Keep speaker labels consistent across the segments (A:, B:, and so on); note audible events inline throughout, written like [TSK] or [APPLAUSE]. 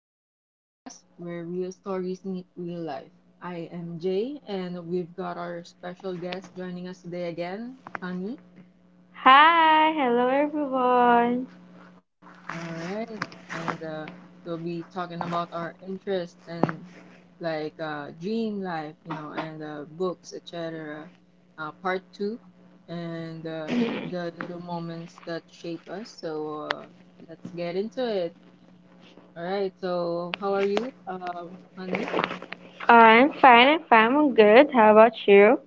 A: Kane's podcast where real stories meet real life. I am Jay and we've got our special guest joining us today again, Honey.
B: Hi, hello everyone.
A: All right, and we'll be talking about our interest and dream life, you know, and books, etc. Part two and the little moments that shape us. Let's get into it. All right, so how are you, Honey?
B: I'm fine, I'm fine, I'm good. How about you?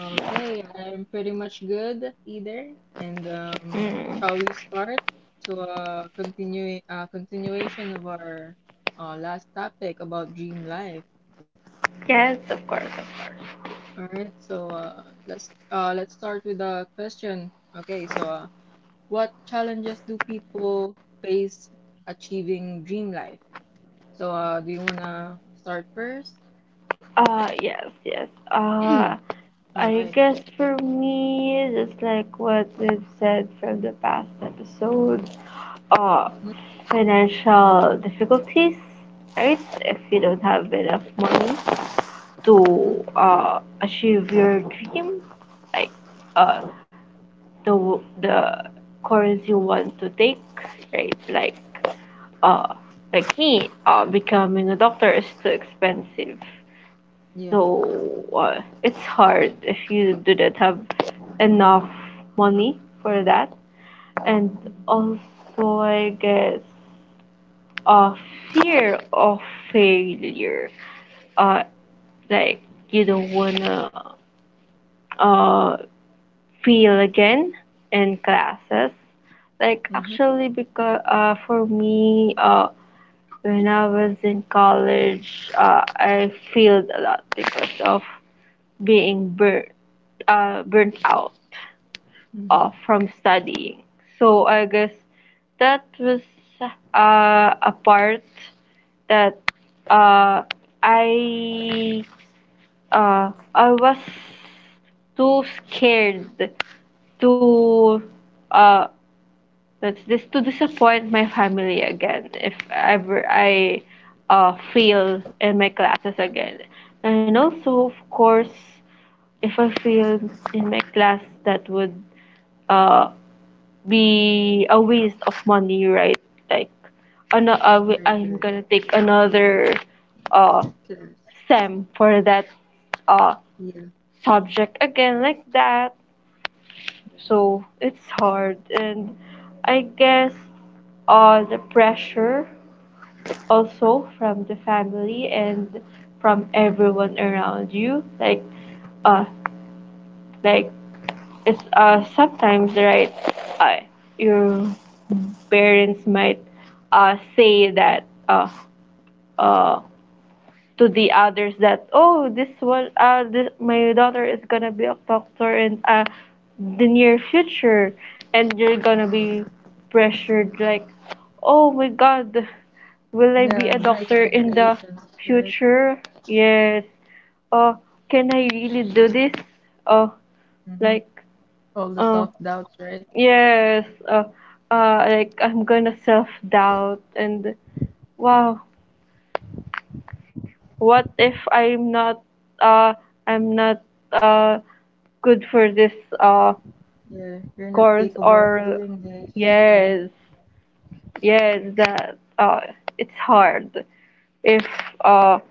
A: Okay, I'm pretty much good either. And
B: Mm.
A: Shall we start to a continue continuation of our last topic about dream life?
B: Yes, of course, of course.
A: All right, so let's start with the question. Okay, what challenges do people face achieving dream life? So do you wanna start first?
B: Yes, yes.
A: [CLEARS THROAT] All
B: I
A: right.
B: guess for me, just like what we've said from the past episode, uh,
A: Mm-hmm,
B: financial difficulties, right? If you don't have enough money
A: mm-hmm,
B: to achieve your dream, like uh, the course you want to take, right? Uh, like me, becoming a doctor is too expensive,
A: yeah.
B: so it's hard if you do not have enough money for that. And
A: Mm-hmm,
B: also, I guess a fear of failure. Uh, like you don't wanna uh, fail again in classes. Like
A: mm-hmm,
B: actually, because for me, when I was in college, I failed a lot because of being burnt, burnt out
A: mm-hmm.
B: off from studying. So I guess that was a part that uh, I I was too scared to uh, that's this to disappoint my family again if ever I fail in my classes again. And also, of course, if I failed in my class, that would uh, be a waste of money, right? Like, ano, I,
A: Right,
B: I'm
A: right.
B: gonna take another uh,
A: Clear.
B: SEM for that uh,
A: Yeah,
B: subject again, like that. So it's hard, and I guess the pressure also from the family and from everyone around you, uh, like it's sometimes right. Uh, your parents might say that uh, to the others that oh, this one, this, my daughter is gonna be a doctor in the near future, and you're gonna
A: yeah,
B: be
A: yeah.
B: pressured like, oh my god, will I be a
A: Yeah, the
B: doctor in the
A: expectations, right?
B: future, yes, oh can I really do this, oh,
A: Mm-hmm.
B: like
A: All the
B: uh
A: self-doubts, right?
B: yes, like I'm gonna self-doubt and wow, what if I'm not uh I'm not uh good for this uh
A: Yeah, you're not
B: course,
A: capable of
B: or
A: doing this, right?
B: yes, yes, that it's hard if uh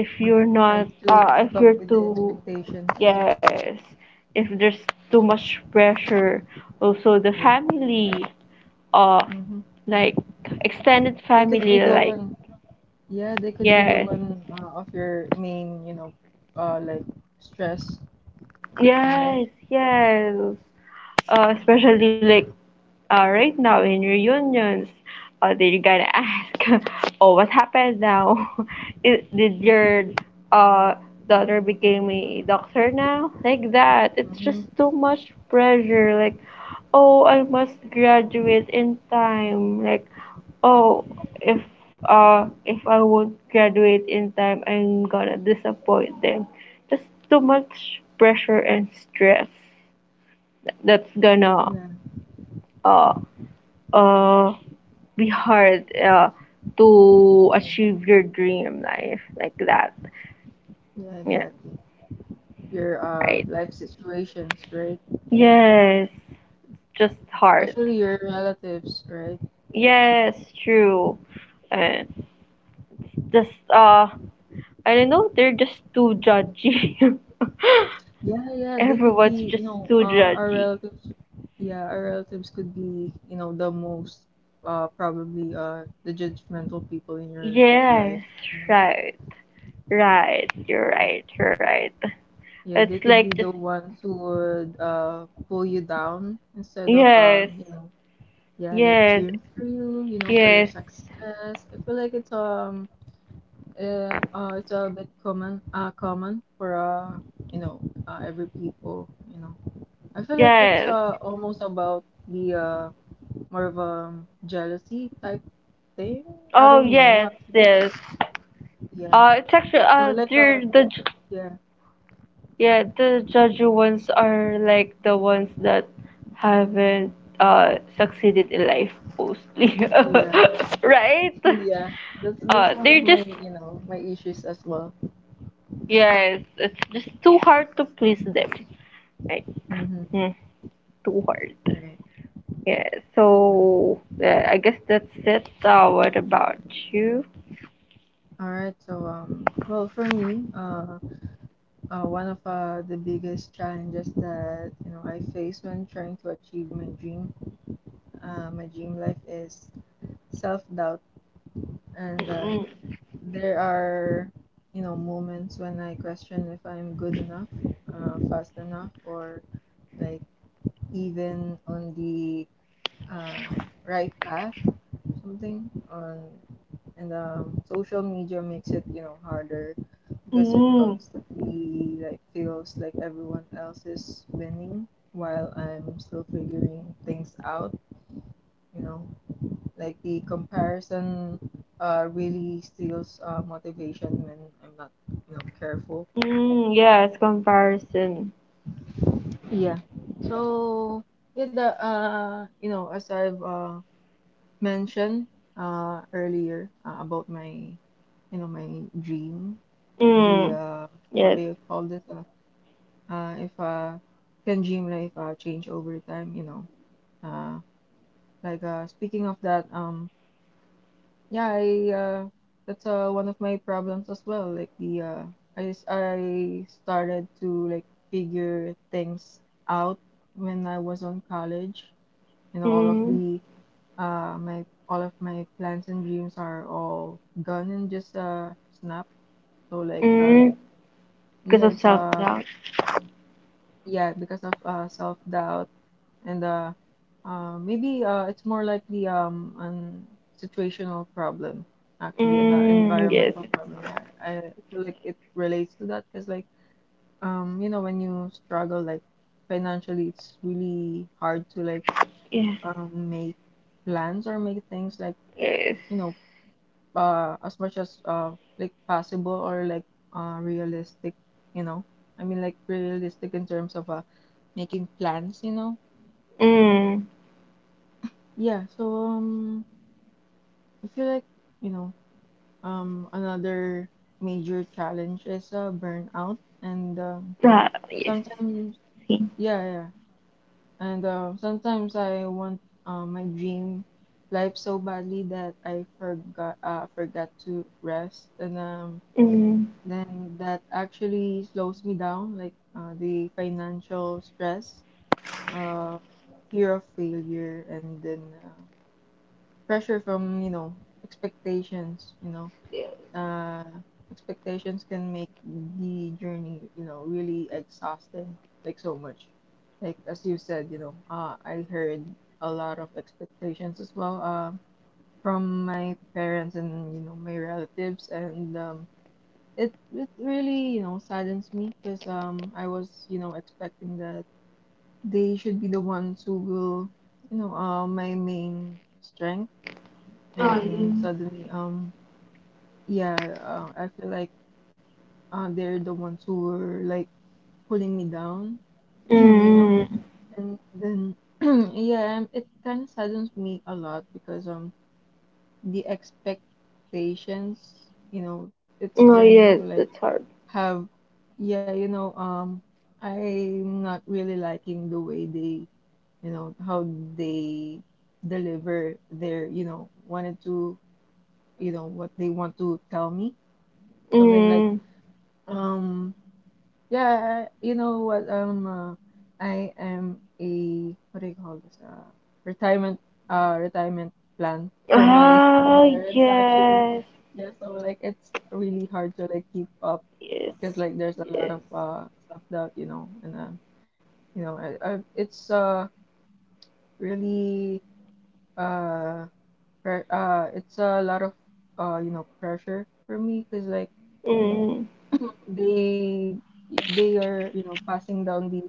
B: if
A: Yeah,
B: you're
A: hard
B: not
A: to keep
B: if
A: up
B: you're
A: with the
B: too,
A: expectations.
B: yes, if there's too much pressure also the
A: Yeah.
B: family or
A: Mm-hmm.
B: like extended
A: They could
B: family,
A: be the
B: like
A: one, yeah, they could be the
B: yes,
A: one of your main, you know, like stress like in life.
B: yes, yes, especially like right now in reunions, they're gonna ask, [LAUGHS] "Oh, what happened now? [LAUGHS] Is- Did
A: Yeah.
B: your uh, daughter became a doctor now?" Like that. It's just
A: Mm-hmm.
B: too much pressure. Like, oh, I must graduate in time. Like, oh, if if I won't graduate in time, I'm gonna disappoint them. Just too much pressure and stress. That's gonna
A: Yeah,
B: uh uh be hard to
A: yeah,
B: achieve your dream life like that.
A: yeah,
B: Yeah,
A: exactly. Your
B: right.
A: life situations, right?
B: Yes, just hard.
A: Especially your relatives, right?
B: Yes, true. And it's just I don't know. They're just too judgy. [LAUGHS]
A: Yeah, yeah, they could
B: Everyone's
A: be, you
B: just
A: know,
B: too
A: our
B: judgy.
A: relatives. Yeah, our relatives could be, you know, the most, probably, the judgmental people in your life.
B: Yes,
A: You
B: right, right. You're
A: know?
B: right. You're right.
A: Yeah, they
B: It's
A: could
B: like
A: be
B: just
A: the ones who would, pull you down instead of,
B: yes,
A: you know, yeah, like
B: yes,
A: cheering for you, you know, for your
B: yes,
A: success. I feel like it's a bit common, common for, you know, every people, you know. I feel like it's
B: yes.
A: almost about the more of a jealousy type thing. I
B: Oh
A: don't know
B: yes,
A: actually.
B: yes.
A: Yeah.
B: It's actually
A: Or like a
B: they're the
A: yeah,
B: yeah, the Jeju ones are like the ones that haven't succeeded in life mostly,
A: yeah,
B: [LAUGHS] right?
A: [LAUGHS] yeah. That's one
B: They're
A: of my,
B: just,
A: you know, my issues as well.
B: yes, it's just too hard to please them. Like,
A: Mm-hmm.
B: hmm, too hard.
A: Right.
B: Yeah.
A: Yeah.
B: So yeah, I guess that's it. What about you?
A: All right. So well for me, one of the biggest challenges that, you know, I face when trying to achieve my dream life is self doubt and
B: Mm.
A: there are, you know, moments when I question if I'm good enough, fast enough, or like even on the uh, right path, something on and social media makes it, you know, harder because it
B: Mm.
A: constantly like feels like everyone else is winning while I'm still figuring things out, you know. Like the comparison really steals motivation when I'm not, you know, careful.
B: Mm, yes, comparison.
A: Yeah. So yeah, the you know, as I've mentioned earlier about my, you know, my dream, the
B: Mm,
A: what
B: yes.
A: do you call this? If Can dream life change over time, you know, uh, like speaking of that. Yeah, I, that's one of my problems as well. Like the uh, I started to like figure things out when I was on college. You know, all of
B: Mm.
A: the my all of my plans and dreams are all gone and just snap. So
B: Mm, because
A: yeah,
B: of
A: it's
B: self doubt.
A: yeah, because of self-doubt and maybe it's more likely, an situational problem actually, and
B: Mm, yes,
A: environmental problem. Yeah, I feel like it relates to that because like, you know, when you struggle like financially, it's really hard to like,
B: yes,
A: make plans or make things like,
B: yes.
A: you know, as much as like possible or like realistic, you know. I mean like realistic in terms of making plans, you know.
B: Mm.
A: Yeah, so um, I feel like, you know, um, another major challenge is burnout and um,
B: Ah, yes.
A: sometimes
B: Sim.
A: yeah, yeah. And sometimes I want my dream life so badly that I forgot forgot to rest and um,
B: Mm.
A: then that actually slows me down, like the financial stress, uh, fear of failure, and then pressure from, you know. Uh, expectations can make the journey, you know, really exhausting, like so much. Like as you said, you know, I heard a lot of expectations as well, from my parents and, you know, my relatives and, it really, you know, saddens me because, um, I was, you know, expecting that they should be the ones who will, you know, my main strength
B: Oh, yeah.
A: and suddenly, um, yeah, I feel like they're the ones who were like pulling me down, [CLEARS THROAT] you know.
B: Mm,
A: And then [CLEARS THROAT] yeah, it kind of saddens me a lot because, um, the expectations, you know,
B: oh,
A: it's
B: yes,
A: turning to
B: that's
A: like
B: hard.
A: have yeah, you know, um, I'm not really liking the way they, you know, how they deliver their, you know, wanted to, you know, what they want to tell me, something like,
B: Mm.
A: um, yeah, you know what? I am a what do you call this? Retirement, uh, retirement plan for my [LAUGHS]
B: Ah,
A: parents actually.
B: yes,
A: Yeah, so like it's really hard to like keep up because
B: yes,
A: like there's a lot
B: yes.
A: of stuff that you know and you know it's really uh pre it's a lot of you know pressure for me because like
B: Mm,
A: they they are, you know, passing down the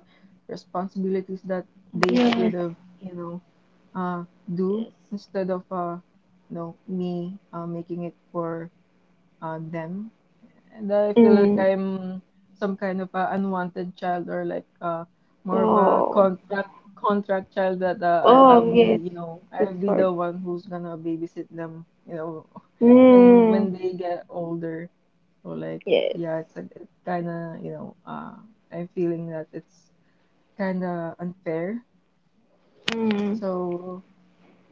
A: responsibilities that they
B: yes,
A: should have, you know, uh
B: yes.
A: do instead of, you know, me making it for them and I feel like
B: Mm,
A: I'm some kind of a unwanted child or more of a
B: oh,
A: contract child that I'll
B: oh, yes,
A: be, you know, I'll
B: that's
A: be
B: hard.
A: the one who's gonna babysit them, you know. [LAUGHS] when
B: Mm,
A: when they get older, so like
B: yes.
A: yeah, it's like it kinda, you know, uh, I'm feeling that it's kinda unfair.
B: Mm.
A: So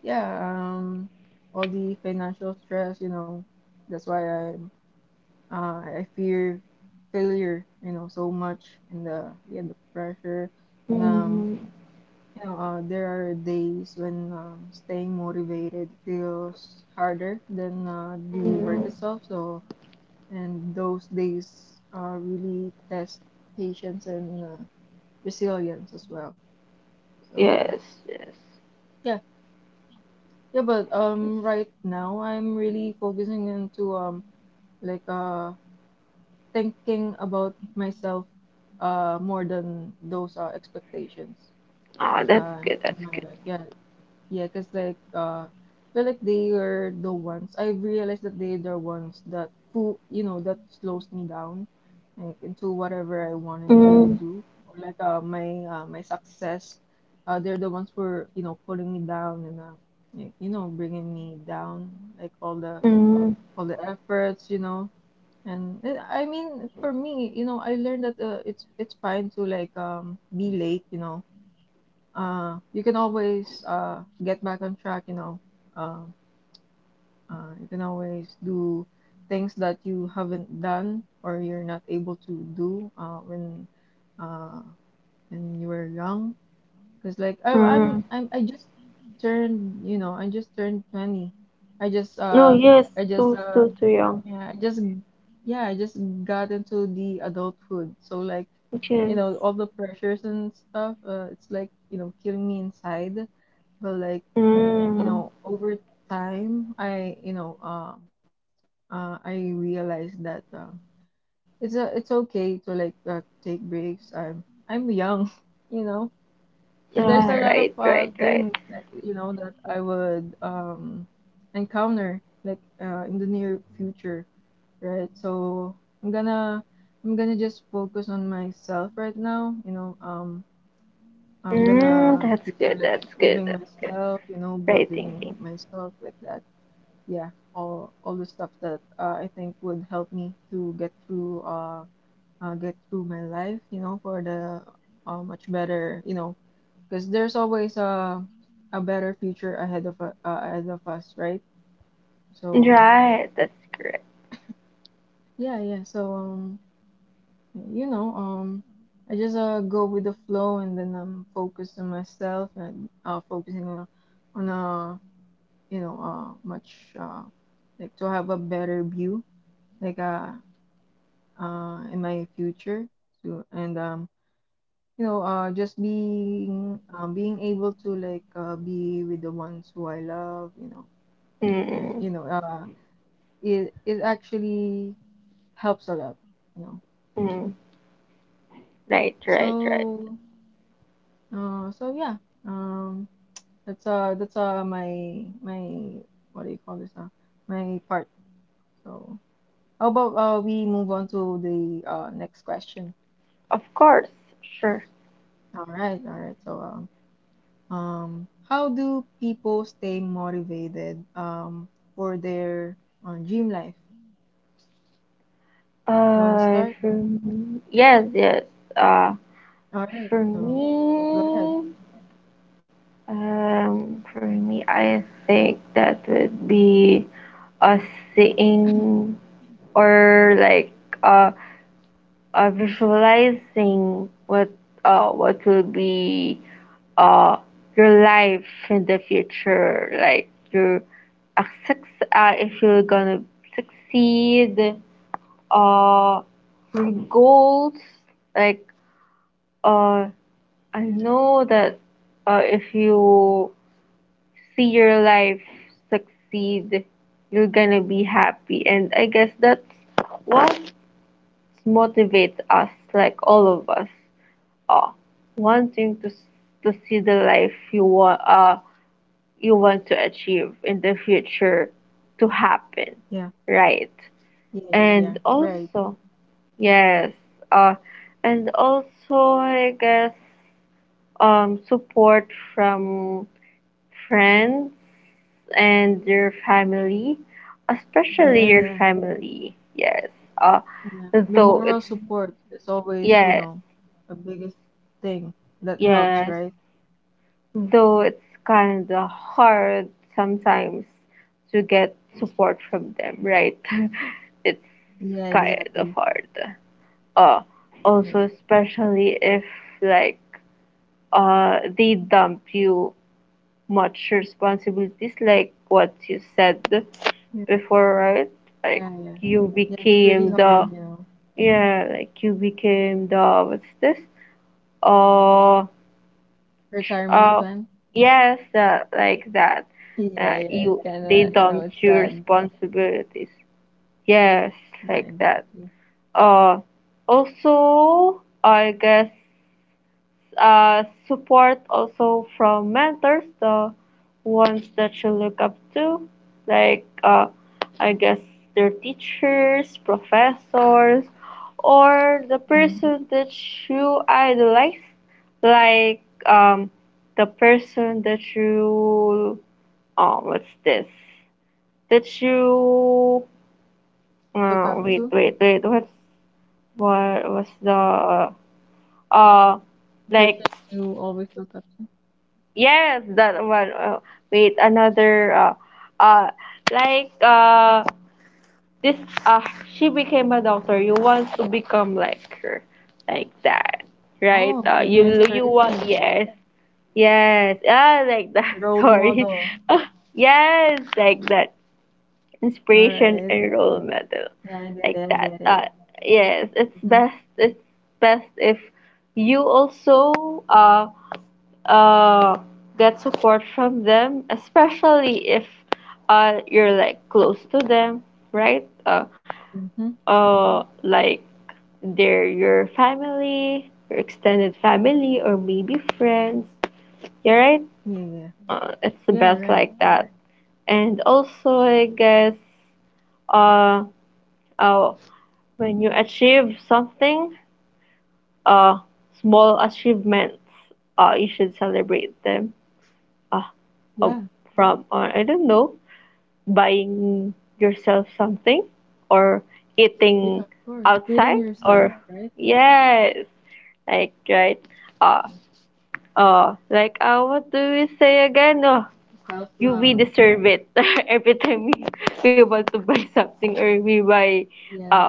A: yeah, um, all the financial stress, you know, that's why I'm uh I fear failure, you know, so much and the yeah, the pressure and um,
B: Mm.
A: you know, there are days when, staying motivated feels harder than
B: Mm.
A: the work
B: Mm.
A: itself. So, and those days really test patience and resilience as well.
B: Yes,
A: So
B: yes.
A: yeah, yeah, but right now I'm really focusing into um, like uh thinking about myself more than those expectations
B: Ah, that's good. That's
A: in
B: good.
A: my life. Yeah, yeah, cause I feel like they are the ones, I realized that they are the ones that who, you know, that slows me down like into whatever I wanted to
B: Mm.
A: do or like my success, they're the ones who are, you know, pulling me down and like, you know, bringing me down like
B: Mm.
A: all the efforts, you know, and eh, I mean for me, you know, I learned that it's fine to like, um, be late, you know, you can always get back on track, you know, uh, you can always do things that you haven't done or you're not able to do uh when you were young because like
B: Mm.
A: I just turned, you know, I just turned 20. I just
B: No,
A: uh
B: yes,
A: I just
B: too, still too young.
A: Yeah, I just yeah, I just got into the adulthood. So like, you
B: Yes.
A: know, all the pressures and stuff, it's like, you know, killing me inside. But like, you
B: Mm.
A: know, over time, you know, I realized that it's okay to like take breaks. I'm young,
B: Ah,
A: [LAUGHS] you know.
B: right, right, right.
A: There's a lot of things that, you know, that I would, um, encounter like, in the near future, right? So I'm gonna I'm gonna just focus on myself right now, you know, um,
B: Mm, that's good.
A: I'm
B: That's good.
A: gonna
B: That's
A: future
B: good.
A: like improving
B: Right
A: myself,
B: thinking.
A: you know, building myself like that. Yeah, all the stuff that I think would help me to get through my life, you know, for the much better, you know, because there's always a better future ahead of ahead of us, right? So
B: Right, that's correct.
A: yeah, yeah. So um, you know, I just go with the flow and then I'm focused on myself and focusing on a, you know, much like to have a better view like uh in my future, so and um, you know, just being, um, being able to like be with the ones who I love, you know, and,
B: Mm.
A: you know, it actually helps a lot, you know.
B: Mm. Right, right, right.
A: So so yeah, um. That's my my what do you call this, my part. So how about we move on to the next question.
B: Of course, sure.
A: All right, all right. So, um, how do people stay motivated, um, for their dream life? You want to start?
B: For me, yes, yes. Uh,
A: All right.
B: for
A: So go ahead.
B: me. For me, I think that would be us seeing or like uh, visualizing what will be uh your life in the future, like your uh, suc- if you're gonna succeed, uh your goals, like uh I know that if you see your life succeed, you're gonna be happy. And I guess that's what motivates us, like all of us, uh, wanting to to see the life you want to achieve in the future to happen,
A: Yeah.
B: right?
A: Yeah, yeah, yeah.
B: And
A: Right.
B: also, yes, uh, and also I guess um, support from friends and your family, especially
A: Yeah,
B: your
A: yeah.
B: family. Yes. Uh,
A: Yeah. The
B: though
A: moral
B: it's,
A: support is always, you
B: yes,
A: know, the biggest thing that helps,
B: yes.
A: right?
B: Though it's kind of hard sometimes to get support from them, right? [LAUGHS] It's
A: Yeah,
B: kind of
A: exactly.
B: hard. Uh, also,
A: Yeah.
B: especially if like they dump you much responsibilities like what you said
A: Yeah.
B: before, right? Like
A: Yeah. Yeah.
B: you
A: Yeah. It's pretty
B: became the,
A: hard, you know.
B: yeah, like you became the, what's this, uh tr-
A: Retirement
B: uh
A: plan.
B: yes, like that,
A: Yeah. Yeah. It
B: you,
A: kind
B: they
A: of, you know,
B: dumped
A: it's
B: your
A: sad.
B: responsibilities, yes,
A: Yeah.
B: like that.
A: Exactly.
B: uh also, I guess support also from mentors, the ones that you look up to, like I guess their teachers, professors, or the
A: Mm-hmm.
B: person that you idolize, like the person that you, oh what's this, that you
A: Look up
B: wait
A: to
B: wait wait, what's, what was the uh
A: the
B: like,
A: person you always look up to.
B: yes, that one. Wait, another. Uh, like this. Uh, she became a doctor. You want to become like her, like that, right?
A: Oh, okay. Your
B: You want,
A: inspiration,
B: yes, yes. Ah, like that.
A: your
B: [LAUGHS]
A: role
B: Sorry.
A: model.
B: Ah, yes, like that.
A: All
B: Inspiration
A: right.
B: and role model,
A: Yeah. I get
B: like
A: it. I
B: that.
A: get it.
B: Yes, it's
A: Mm-hmm.
B: best. It's best if you also uh, get support from them, especially if you're like close to them, right?
A: Mm-hmm.
B: Like they're your family, your extended family, or maybe friends. You're right.
A: Yeah. Yeah.
B: It's the
A: Yeah.
B: best
A: Right.
B: like that. And also, I guess, uh, uh, when you achieve something, uh, small achievements, you should celebrate them. Uh, uh,
A: Yeah.
B: from I don't know, buying yourself something or eating
A: Yeah. Of course. Treating
B: outside,
A: yourself,
B: or
A: right?
B: yes, like right, uh like what do we say again, oh, you, we
A: Self-love.
B: deserve it, [LAUGHS] every time we want to buy something, or we buy, uh
A: Yeah.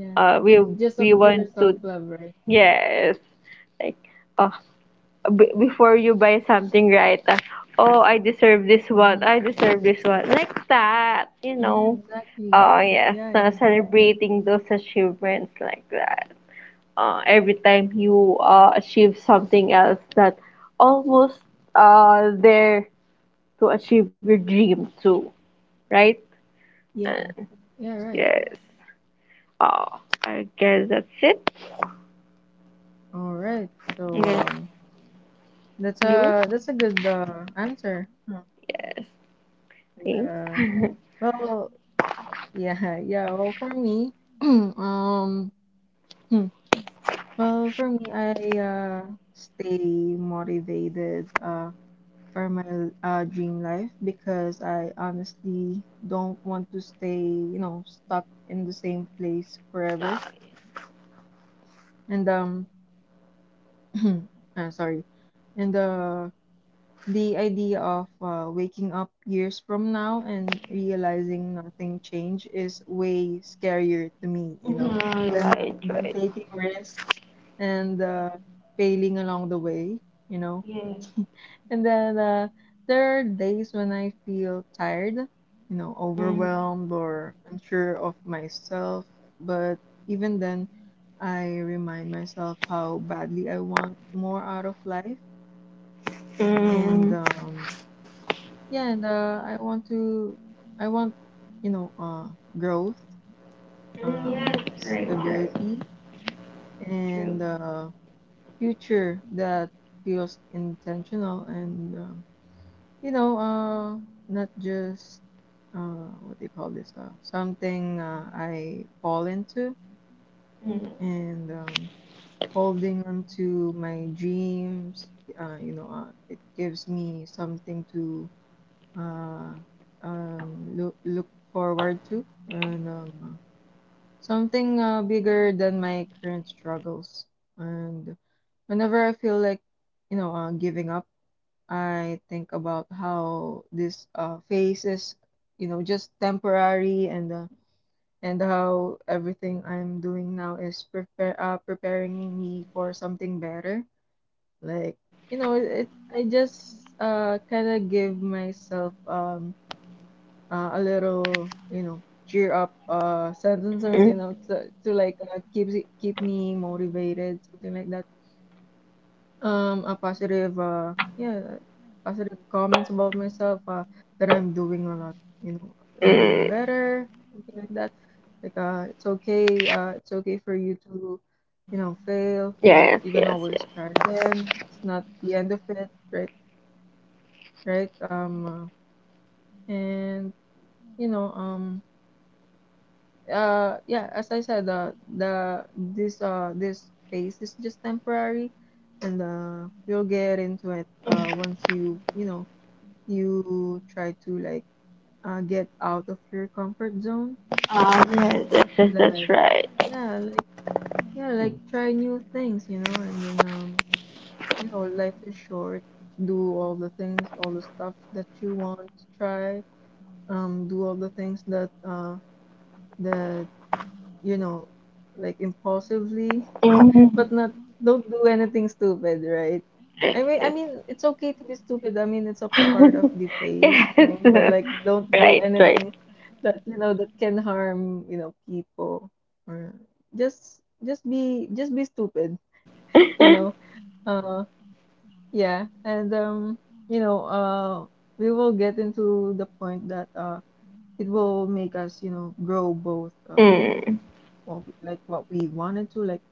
A: Yeah.
B: uh we
A: It's just
B: we
A: a
B: want
A: pure
B: to,
A: self-love, right?
B: yes, like oh, before you buy something, right? Oh, I deserve this one,
A: Mhm.
B: I deserve this one, like that, you
A: Yeah,
B: know.
A: exactly.
B: Yes,
A: Yeah, yeah,
B: celebrating those achievements like that, every time you achieve something else that almost there to achieve your dream too, right? Uh,
A: yeah, yeah. Right.
B: yes, oh, I guess that's it.
A: All right. So
B: Yes. You?
A: that's a good answer. Huh.
B: Yes,
A: And,
B: thanks. [LAUGHS]
A: well, yeah, [LAUGHS] yeah. Well, for me, [CLEARS THROAT] um, hmm, well, for me, I stay motivated for my dream life because I honestly don't want to stay, you know, stuck in the same place forever. And. [CLEARS THROAT] Sorry, in the idea of waking up years from now and realizing nothing changed is way scarier to me, you know,
B: Right,
A: than
B: right,
A: than
B: right.
A: taking risks and failing along the way, you know.
B: Yes.
A: [LAUGHS] And then there are days when I feel tired, you know,
B: Mm.
A: overwhelmed or unsure of myself. But even then, I remind myself how badly I want more out of life. And
B: Mm.
A: yeah, and I want to, I want, you know, growth,
B: Mm, yeah, true, true,
A: stability,
B: true.
A: and future that feels intentional and, you know, not just, what do you call this? Something I fall into
B: Mm.
A: and holding on to my dreams, you know, it gives me something to uh, look forward to, and something bigger than my current struggles. And whenever I feel like, you know, giving up, I think about how this phase is, you know, just temporary, and and how everything I'm doing now is prepare preparing me for something better. Like, you know, it I just kind of give myself a little, you know, cheer up sentences,
B: Mm.
A: you know, to like keep me motivated, something like that. A positive, yeah, positive comments about myself, that I'm doing a lot, you know, I'm doing
B: Mm.
A: better, something like that. Like, it's okay for you to, you know, fail.
B: Yes,
A: You
B: yes,
A: can always try
B: yes.
A: again. It's not the end of it, right? Right? And you know, yeah, as I said, the this this phase is just temporary, and you'll get into it once you you know you try to like get out of your comfort zone
B: Oh, yes, yes, yes,
A: and
B: that's
A: like
B: right.
A: yeah like yeah like try new things you know and then you know life is short. Do all the things, all the stuff that you want to try. Do all the things that that you know like impulsively
B: Mm,
A: but not don't do anything stupid, right?
B: yes,
A: I
B: yes.
A: mean, it's okay to be stupid. I mean, it's a part of
B: [LAUGHS]
A: the phase, you
B: Yes,
A: know, but
B: [LAUGHS]
A: like don't do
B: right, right.
A: anything that, you know, that can harm, you know, people or just be stupid, you
B: [LAUGHS]
A: know. Uh yeah, and you know, we will get into the point that it will make us, you know, grow both
B: Mm.
A: like what we wanted to like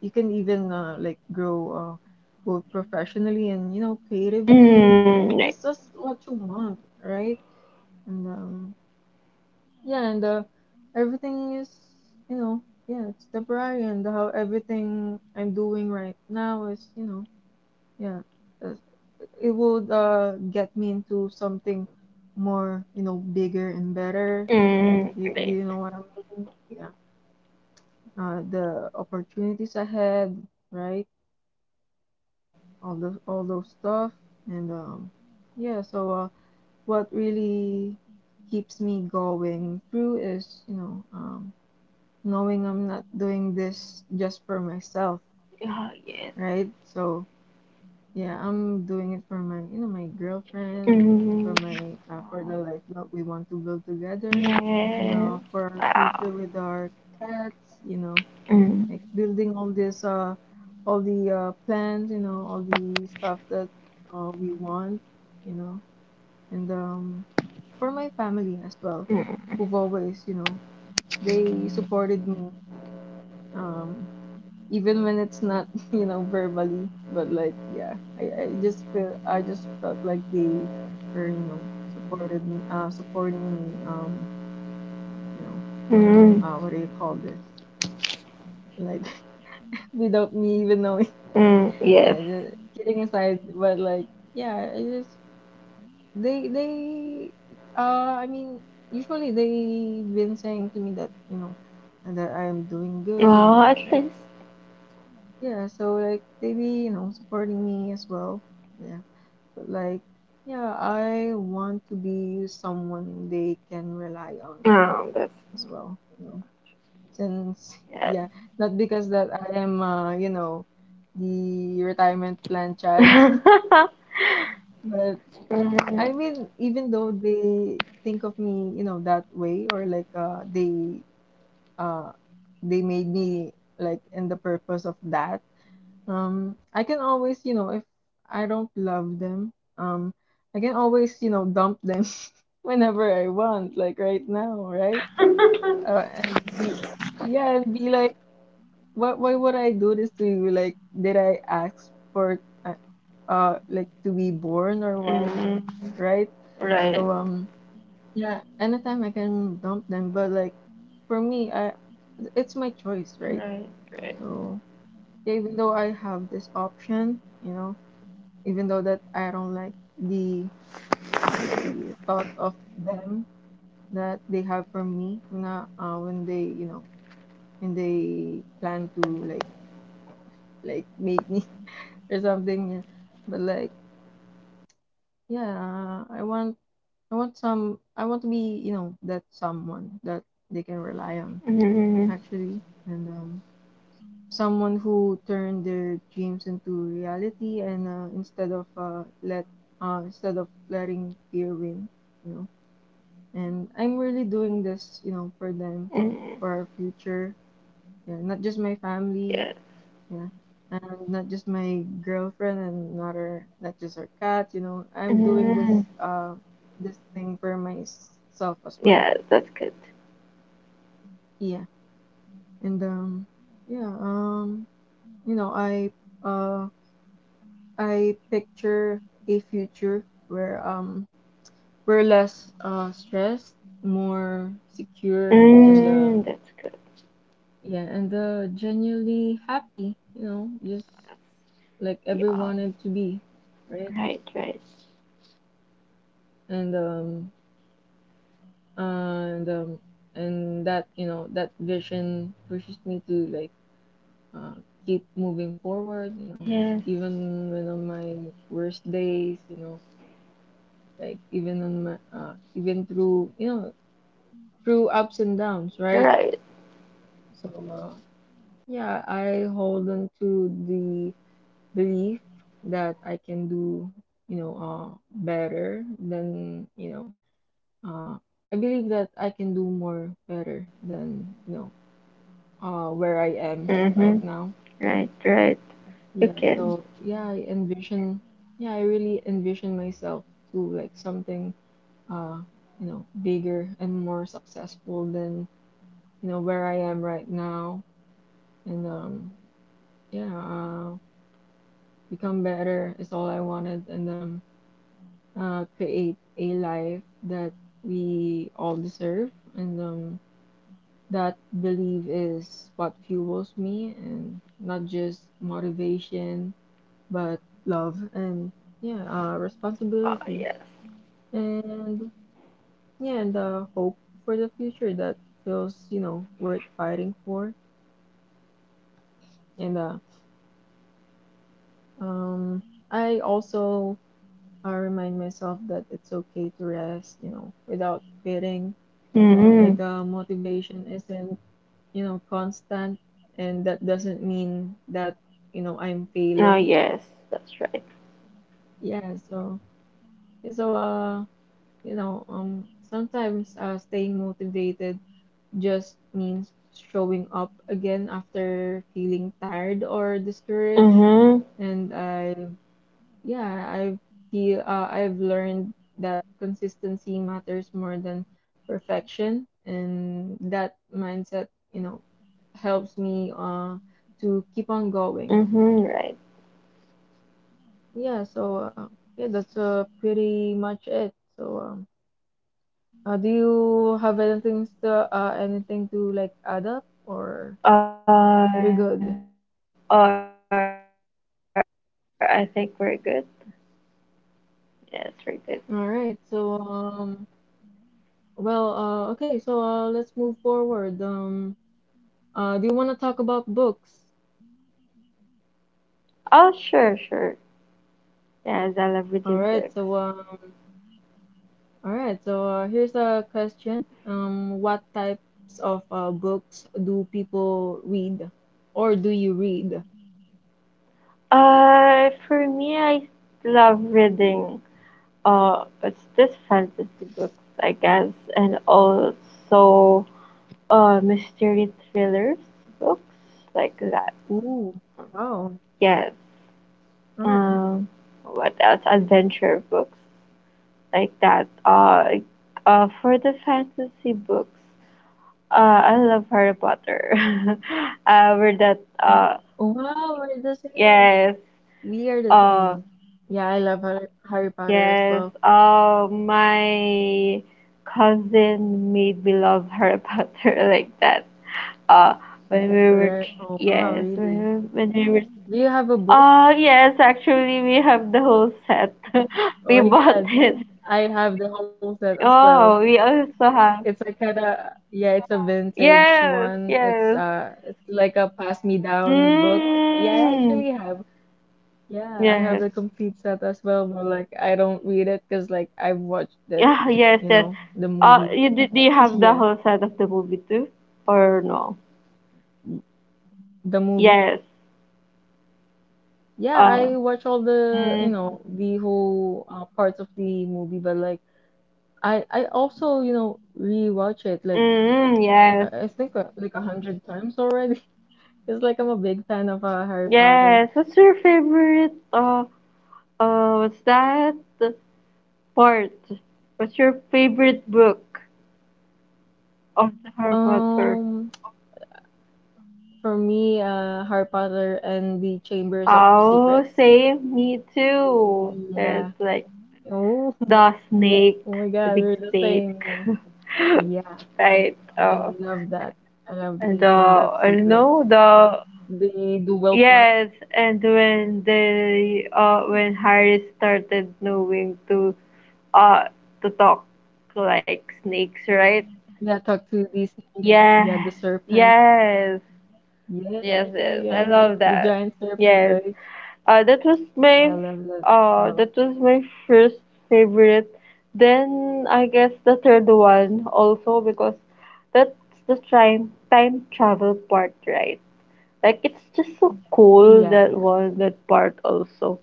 A: you can even like grow both professionally and you know creatively
B: Mm, right.
A: just what you want right and yeah and everything is you know yeah it's temporary and how everything I'm doing right now is you know yeah uh, it would get me into something more you know bigger and better
B: Mm,
A: you,
B: right.
A: you know what I mean yeah the opportunities ahead right all those stuff and yeah so what really keeps me going through is you know knowing I'm not doing this just for myself
B: Oh, yes.
A: right so yeah I'm doing it for my you know my girlfriend
B: Mm,
A: for
B: right.
A: my for the life that we want to build together and
B: Yes.
A: for our
B: Wow.
A: future with our cats you know
B: Mm.
A: like building all the plans you know all the stuff that we want you know and for my family as well
B: Mm.
A: who've always you know they supported me um even when it's not [LAUGHS] you know verbally but like yeah I just feel I just felt like they were you know supported me supporting me you know
B: Mm.
A: what do you call this like [LAUGHS] without me even knowing.
B: Mm,
A: Yeah,
B: yes.
A: the, kidding aside, but like, yeah, I just they I mean usually they've been saying to me that, you know, and that I'm doing good, you
B: Oh,
A: know,
B: at
A: right?
B: least.
A: Yeah, so like they be, you know, supporting me as well. Yeah. But like, yeah, I want to be someone they can rely on
B: Oh, that's,
A: as well, you know. Since [LAUGHS] yeah, not because that I am you know, the retirement plan child.
B: yes.
A: [LAUGHS]
B: [LAUGHS]
A: But
B: Mhm.
A: I mean, even though they think of me, you know, that way, or like uh they made me like in the purpose of that, I can always, you know, if I don't love them, I can always, you know, dump them [LAUGHS] whenever I want, like right now, right? And be yeah, and be like, what? Why would I do this to you? Like, did I ask for like to be born or what,
B: Mhm.
A: right? So
B: Right.
A: um. Yeah, anytime I can dump them, but like for me, I it's my choice, right?
B: Right. Right.
A: So yeah, even though I have this option, you know, even though that I don't like the you know the thought of them that they have for me when when they you know when they plan to like make me [LAUGHS] or something, yeah. But like yeah, I want to be you know that someone that they can rely on actually,
B: Mhm.
A: and. Someone who turned their dreams into reality and instead of letting fear win you know and I'm really doing this you know for them for our
B: Mhm.
A: future yeah not just my family
B: Yes.
A: yeah and not just my girlfriend and not just our cat you know I'm doing this
B: Mm.
A: this thing for myself as well
B: Yes, that's good.
A: yeah and yeah you know I um I picture a future where we're less stressed, more secure, and
B: Mm, that's good.
A: yeah, and genuinely happy, you know, just like every wanted to
B: We
A: be,
B: are.
A: right?
B: Right, right.
A: And um and um and that you know that vision pushes me to like keep moving forward, you know, even when
B: Yes.
A: on my worst days, you know like even on my even through you know through ups and downs, right?
B: Right.
A: So, yeah, I hold on to the belief that I can do, you know, better than, you know, uh, I believe that I can do more better than, you know, where I am right now.
B: Mm-hmm. Right,
A: Yeah,
B: right.
A: so yeah,
B: You can.
A: yeah, I really envision myself to like something, uh, you know, bigger and more successful than, you know, where I am right now. And yeah, become better is all I wanted, and create a life that we all deserve, and that belief is what fuels me, and not just motivation, but love and yeah, responsibility,
B: Oh, yes.
A: and yeah, and hope for the future that feels, you know, worth fighting for, and um, I also I remind myself that it's okay to rest, you know, without quitting. Like, motivation
B: Mm-hmm.
A: isn't, you know, constant, and that doesn't mean that, you know, I'm failing.
B: Oh, yes.
A: Yeah,
B: That's right.
A: so, yeah, so, you know, sometimes staying motivated just means showing up again after feeling tired or discouraged. And I.
B: Mm-hmm.
A: Yeah, I've learned that consistency matters more than perfection, and that mindset, you know, helps me to keep on going.
B: Mm-hmm. Right.
A: Yeah, so yeah, that's pretty much it. So do you have anything to anything to like add up, or we're good?
B: Uh, or I think we're good. Yes, we're good.
A: All right. So well, okay. So let's move forward. Do you want to talk about books?
B: Oh, sure, sure. Yes, I love
A: All
B: reading
A: right,
B: books.
A: so uh, all right, so here's a question. What types of books do people read, or do you read?
B: For me, I love reading. It's this fantasy books, I guess, and also mystery thrillers books like that.
A: Ooh, wow.
B: Yes.
A: All right.
B: Um, what else? Adventure books like that. For the fantasy books. I love Harry Potter. [LAUGHS] We're that.
A: Wow, we're the same.
B: Yes.
A: We are the
B: Uh,
A: same. Yeah, I love Harry Potter as
B: yes.
A: well.
B: My cousin made me love Harry Potter [LAUGHS] like that. Uh, when we were,
A: Right. Oh, wow,
B: yes,
A: really?
B: when we were.
A: Do you have a book?
B: Yes. Actually, we have the whole set. [LAUGHS]
A: Oh
B: We
A: my
B: bought
A: God.
B: it.
A: I have the whole set as well.
B: Oh, we also
A: It's
B: have.
A: like kinda yeah, it's a vintage
B: Yes.
A: one. It's
B: Yes.
A: it's like a pass-me-down book. Yeah, I
B: Mm.
A: actually have. Yeah, I have
B: Yes.
A: the complete set as well, but like I don't read it because like I've watched it,
B: Yeah, yes,
A: you
B: yes.
A: know, the movie.
B: You, do, do you
A: [LAUGHS]
B: have the
A: Yeah,
B: whole set of the movie too, or no?
A: the movie.
B: Yes.
A: Yeah,
B: Uh,
A: I watch all the, you
B: mm,
A: know, the whole parts of the movie, but like I also, you know, rewatch it like
B: yes,
A: I think like 100 times already. [LAUGHS] It's like I'm a big fan of Harry Potter.
B: yes. What's your favorite? What's that part? What's your favorite book of the Harry Potter?
A: Um, [TSK] for me, Harry Potter and the Chambers of
B: Oh,
A: Secrets.
B: same. Me too.
A: Yeah.
B: It's like
A: Oh, [LAUGHS]
B: the snake,
A: oh my
B: the
A: God,
B: big
A: we're the same.
B: snake,
A: Yeah, yeah.
B: [LAUGHS] right?
A: I love that. I love
B: And
A: the Chamber of
B: I don't
A: Secrets.
B: know the,
A: The dual part.
B: yes, and when they
A: Yeah,
B: when Harry started knowing uh to talk like snakes, right?
A: yeah, talk to the snake. Yeah, the
B: Yeah.
A: serpent.
B: Yes.
A: Yeah,
B: Yes,
A: yeah,
B: yes. I
A: yeah.
B: love
A: The
B: that.
A: giant serpent,
B: Yes.
A: right?
B: Uh that was
A: Yeah, I
B: my
A: love that as well.
B: that was my first favorite. Then I guess the third one also, because that's the time travel part, right? Like, it's just so cool,
A: Yeah,
B: that
A: yeah.
B: was that part also.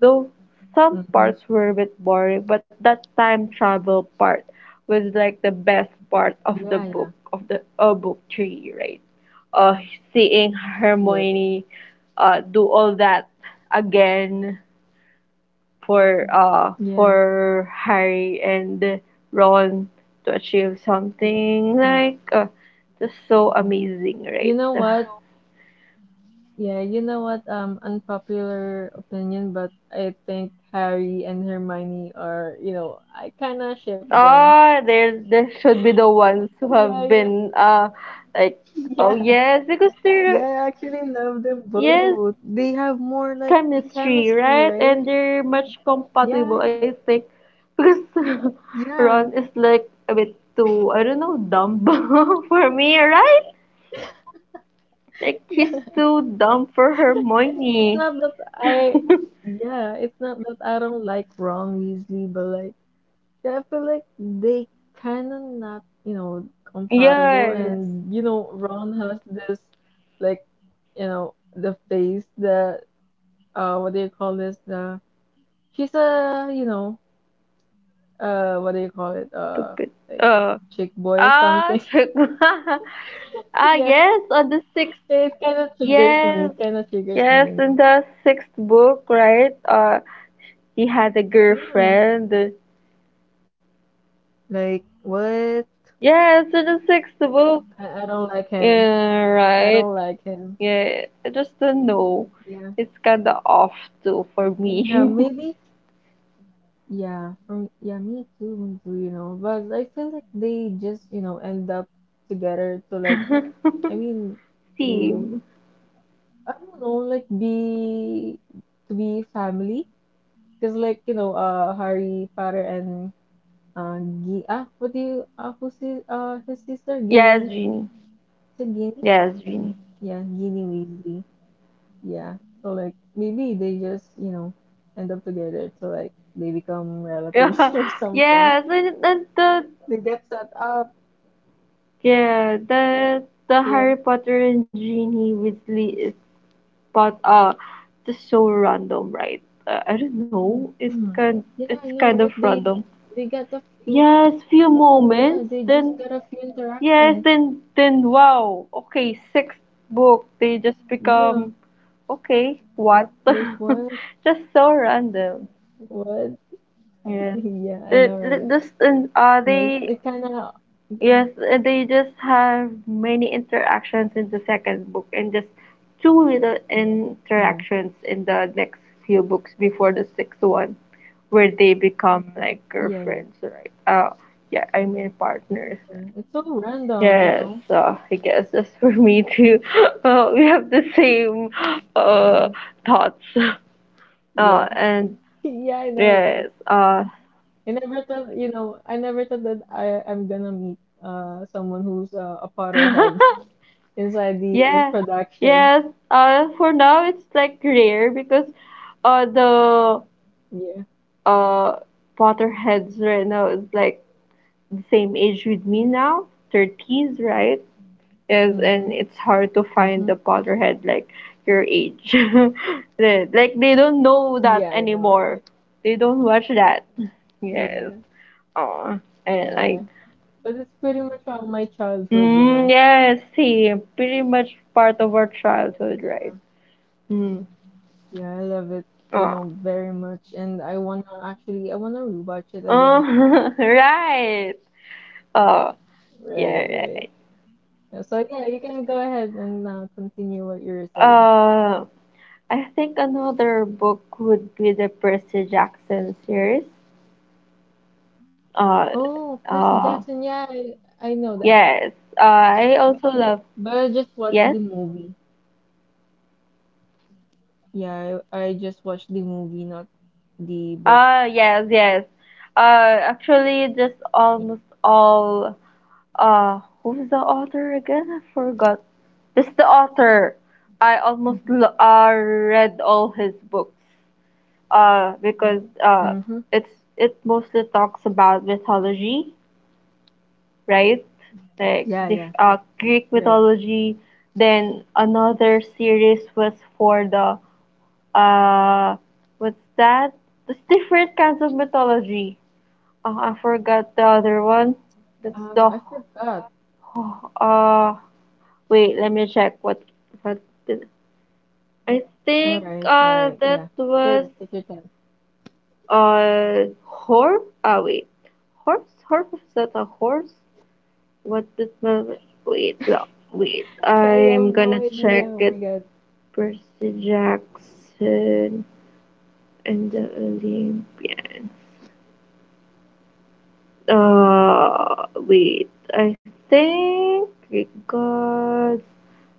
B: Though some
A: Mm-hmm.
B: parts were a bit boring, but that time travel part was like the best part of the
A: Yeah,
B: book,
A: yeah.
B: of the book three, right? Uh, seeing
A: Yeah, yeah.
B: Hermione do all that again
A: Yeah,
B: for Harry and Ron to achieve something
A: yeah,
B: like just so
A: yeah.
B: amazing,
A: You
B: right?
A: know what?
B: [LAUGHS]
A: Yeah, you know what? Unpopular opinion, but I think Harry and Hermione are, you know, I kind of ship them.
B: Ah, there should be the ones who
A: Yeah,
B: have
A: yeah,
B: been, like,
A: [LAUGHS]
B: oh
A: yeah,
B: yes, because they're,
A: yeah. I actually love them
B: yes,
A: both. They have more like the
B: chemistry,
A: chemistry,
B: right?
A: right?
B: And they're much
A: Yeah,
B: compatible, I think, because [LAUGHS]
A: yeah,
B: Ron is like a bit too, I don't know, dumb [LAUGHS] for me, right? Like
A: [LAUGHS] yeah.
B: he's too dumb for
A: It's
B: Hermione.
A: not that
B: [LAUGHS]
A: yeah, it's not that I don't like Ron Weasley, but like I feel like they kind of not, you know, compatible.
B: Yes,
A: And, you know, Ron has this, like, you know, the face that, what do you call this? He's a, you know, what do you call it?
B: stupid.
A: Like,
B: Uh,
A: chick boy or
B: ah,
A: something. [LAUGHS]
B: [LAUGHS] ah,
A: Yeah,
B: yes, on the sixth.
A: it kind of triggers
B: Yes.
A: me. Kind of triggers me,
B: Yes,
A: you
B: in
A: know.
B: the sixth book, right? He had a
A: Yeah,
B: girlfriend.
A: like, what?
B: Yes, in the sixth book.
A: I don't like him.
B: Yeah,
A: I
B: right.
A: don't like him.
B: Yeah, I just don't know.
A: Yeah.
B: It's kinda off too for
A: Yeah,
B: me.
A: maybe. Yeah, from yeah, me too, me you know. But I feel like they just, you know, end up together to
B: [LAUGHS]
A: I mean, to
B: Team,
A: I don't know, like be to be family, because like you know, Harry Potter and uh, what do you who's his sister
B: yes,
A: Ginny?
B: Genie.
A: Is it Ginny?
B: Yes, Genie.
A: Yeah, Ginny Weasley. Yeah. So like maybe they just, you know, end up together to like they become relatives [LAUGHS]
B: Yeah.
A: or
B: [LAUGHS]
A: something.
B: Yes, and the
A: They get set up.
B: the
A: Yeah.
B: Harry Potter and Genie Weasley is, but just so random, right? I don't know. It's
A: [CLEARS THROAT]
B: kind
A: Yeah,
B: it's
A: I
B: kind
A: know,
B: of
A: right?
B: random.
A: They got a few.
B: Yes, few
A: Yeah,
B: moments.
A: they just
B: Then
A: got a few
B: yes,
A: interactions.
B: then wow. Okay, sixth book. They just
A: Yeah.
B: become okay. What?
A: Like what?
B: [LAUGHS] Just so random.
A: What? [LAUGHS]
B: Yes.
A: Yeah, I know, right?
B: This and
A: Yeah, it,
B: they...
A: it kind of yeah,
B: Yes, they just have many interactions in the second book and just two little
A: yeah.
B: interactions in the next few books before the sixth one where they become like
A: Yeah, yeah,
B: girlfriends, right? Yeah, I mean partners,
A: yeah.
B: right?
A: It's so random, you
B: Yes,
A: know.
B: so I guess that's for me too. [LAUGHS] We have the same uh,
A: Yeah.
B: thoughts. [LAUGHS]
A: Yeah.
B: And
A: [LAUGHS] Yeah, I know,
B: yes,
A: right? I never thought, you know, I never thought that I'm gonna meet someone who's a Potterhead
B: [LAUGHS]
A: [LAUGHS] inside the
B: Yeah,
A: production.
B: yes. For now it's like rare because the
A: Yeah.
B: uh Potterheads right now is like the same age with me now, 30s, right? Yes, and
A: Mm-hmm.
B: it's hard to find
A: Mm-hmm.
B: a Potterhead like your age. [LAUGHS] Like they don't know that
A: Yeah, I know,
B: anymore.
A: right?
B: They don't watch that. Yes.
A: Yeah,
B: Oh, and
A: yeah,
B: like,
A: yeah. But it's pretty much all my childhood, you know.
B: yes, see, pretty much part of our childhood, right?
A: Yeah,
B: Mm.
A: yeah, I love it, you know, very much. And I wanna actually, I wanna rewatch it again.
B: Oh, [LAUGHS] right. Oh, yeah,
A: Right,
B: right.
A: right. Yeah, so yeah, you can go ahead and continue what you were saying.
B: Uh, I think another book would be the Percy Jackson series. Uh,
A: Oh, Percy
B: uh,
A: Jackson. Yeah, I know that.
B: yes. I also love.
A: But I just watched
B: Yes.
A: the movie. Yeah, I just watched the movie, not the book.
B: Yes, yes. Actually, just
A: Yeah.
B: almost all. Who's the author again? I forgot. Just the author. I almost
A: Mm-hmm.
B: read all his books. Because
A: Mm-hmm.
B: it's it mostly talks about mythology, right? Like
A: Yeah,
B: the
A: yeah.
B: Greek
A: Right.
B: mythology. Then another series was for the uh, what's that? There's different kinds of mythology. I forgot the other one. That's the
A: I forgot.
B: uh. Wait, let me check. What did I think?
A: All right,
B: That
A: yeah,
B: was
A: sure, take your time.
B: Horse. Wait. Horse. Horse. Is that a horse? What did my Wait? No, wait.
A: [LAUGHS] I
B: I'm
A: have no
B: gonna
A: idea.
B: check
A: Oh my
B: it.
A: God.
B: Percy Jackson and the Olympians. Wait. I think we got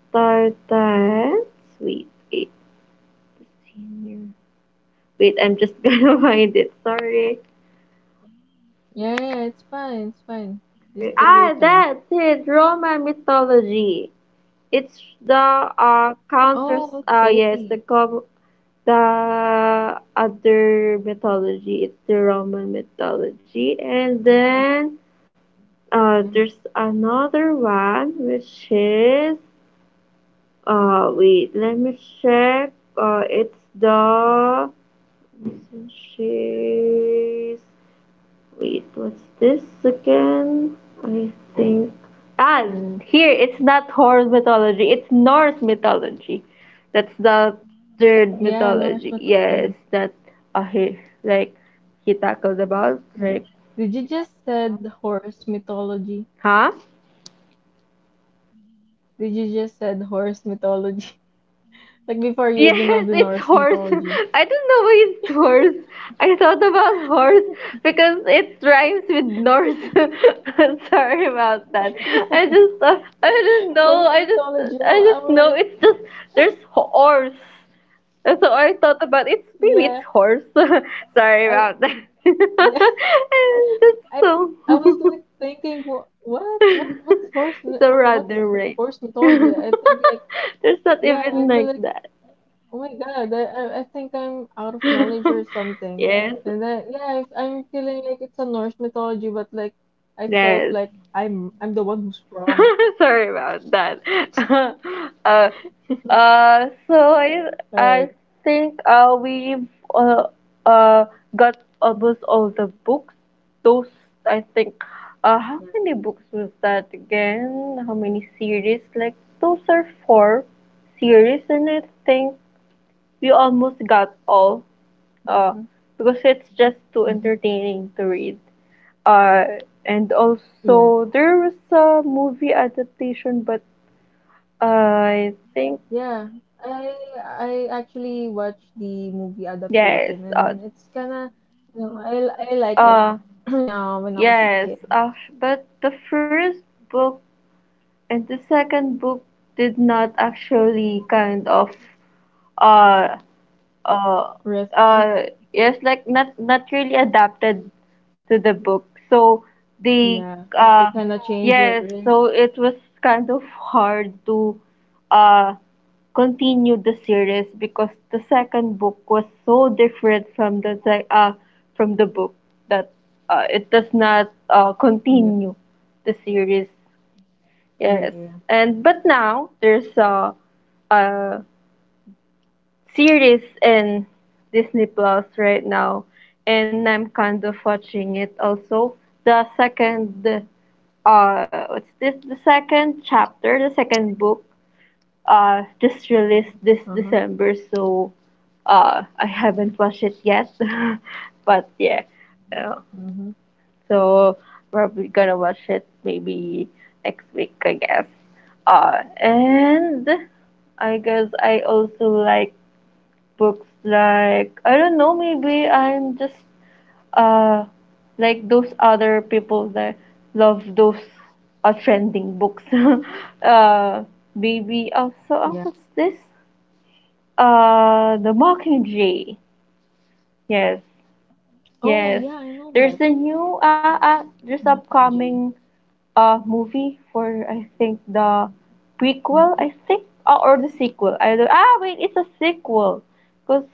B: Spartans. Wait, wait. The senior. Wait, I'm just [LAUGHS] gonna find it. Sorry.
A: Yeah, yeah, it's fine, it's fine. Just take your time.
B: That's it. Roman mythology. It's the
A: Oh,
B: counters. Yes,
A: okay.
B: the the other mythology. It's the Roman mythology, and
A: Mm-hmm.
B: then
A: Yeah.
B: there's another one which is wait, let me check. It's the Wait, what's this again? I think. Ah, here, it's not horror mythology, it's Norse mythology. That's the third
A: Yeah, Norse
B: mythology. Yes,
A: mythology.
B: that he, like he tackled about. Like,
A: Did you just said horse mythology?
B: huh?
A: Did you just said horse mythology? [LAUGHS] Like before you even know
B: Yes,
A: the
B: it's
A: Norse
B: horse.
A: mythology.
B: [LAUGHS] I don't know why it's horse. I thought about horse because it rhymes with Norse. [LAUGHS] Sorry about that. I
A: [LAUGHS] Yeah,
B: just, I don't know.
A: horse mythology.
B: I
A: I'm
B: just know
A: like,
B: it's just there's horse. And so I thought about it's maybe it's
A: yeah,
B: horse. [LAUGHS] Sorry about that. [LAUGHS]
A: I [LAUGHS]
B: And that's
A: I
B: so,
A: I was like thinking, what's
B: [LAUGHS] so
A: what's
B: random, right?
A: horse
B: [LAUGHS]
A: mythology? I think like
B: There's not
A: yeah,
B: even
A: I feel
B: like
A: like
B: that.
A: oh my God, I think I'm out of knowledge or
B: [LAUGHS]
A: something.
B: Yes,
A: And then yeah, I'm feeling like it's a Norse mythology, but like I felt
B: yes.
A: like I'm the one who's wrong.
B: [LAUGHS] Sorry about that. [LAUGHS] Uh, so I,
A: All
B: I
A: right.
B: think we've uh, uh, got almost all the books. Those, I think, how
A: Yeah.
B: many books was that again? How many series? Like, those are four series, and I think we almost got all, uh,
A: Mm-hmm.
B: because it's just too
A: Mm-hmm.
B: entertaining to read. Uh, and
A: Yeah.
B: also there was a movie adaptation, but I think
A: Yeah. I I actually watched the movie
B: yes,
A: adaptation, and it's kind of you know I like it.
B: uh
A: [CLEARS THROAT] Yeah, when I was a
B: yes,
A: kid.
B: uh, but the first book and the second book did not actually kind of uh uh
A: Resonates.
B: uh yes, like not really adapted to the book. So they
A: Yeah. They
B: uh
A: kind of yeah, change it,
B: yes,
A: right?
B: so it was kind of hard to uh continue the series because the second book was so different from the from the book that it does not
A: Yeah.
B: continue the series.
A: Yeah.
B: Yes,
A: Yeah, yeah.
B: and but now there's a series in Disney Plus right now, and I'm kind of watching it also. The second, what's this? The second chapter, the second book, just released this
A: Uh-huh.
B: December, so I haven't watched it yet, [LAUGHS] but yeah, uh,
A: Mm-hmm.
B: so probably gonna watch it maybe next week, I guess. And I guess I also like books, like I don't know, maybe I'm just uh like those other people that love those trending books. [LAUGHS] uh, Maybe also, oh,
A: Yeah.
B: what's this? The Mockingjay. Yes,
A: Oh,
B: yes.
A: yeah, I know
B: There's
A: that.
B: a new, there's
A: Mockingjay.
B: upcoming a movie for, I think, the prequel,
A: Mm-hmm.
B: I think, or the sequel. I don't... wait, it's a sequel because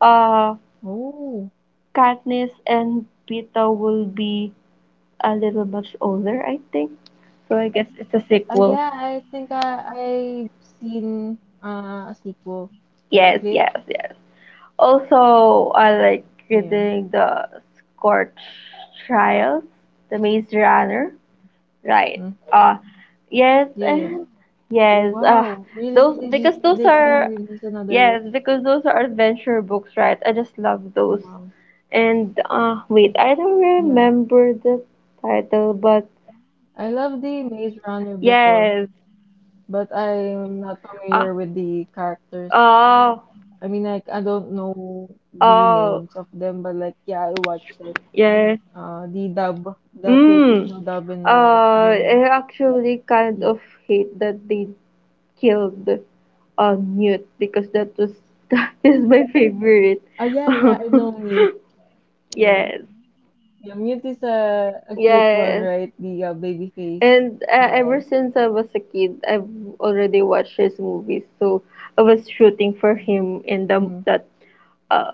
B: uh
A: Oh.
B: Katniss and Peeta will be a little much older, I think, so I guess it's a sequel.
A: Yeah, I think I've seen a sequel, like
B: Yes,
A: clip.
B: yes, yes, also I like
A: Yeah.
B: reading the Scorch Trials, the Maze Runner, right?
A: Mm.
B: uh yes,
A: Yeah, yeah.
B: and
A: Oh,
B: yes,
A: wow. Really?
B: those, because those
A: They're gonna
B: are...
A: release another.
B: Yes, because those are adventure books, right? I just love those.
A: Wow.
B: And wait, I don't
A: Yeah.
B: remember the title, but
A: I love the Maze Runner before,
B: yes.
A: but I'm not
B: Uh,
A: familiar with the characters.
B: oh,
A: I mean, like I don't know the
B: oh,
A: names of them, but like yeah, I watched it.
B: yes.
A: The the Filipino
B: Mm.
A: dub in GMA.
B: I actually kind
A: Yeah.
B: of hate that they killed Newt because that was [LAUGHS] that is my favorite.
A: Oh yeah, yeah. I know Mute.
B: [LAUGHS]
A: Yeah,
B: Yes.
A: yeah. Mute is a cute one,
B: Yes.
A: right? The baby face
B: And ever
A: guy.
B: since I was a kid, I've already watched his movies, so I was shooting for him in the
A: Mm-hmm.
B: that uh,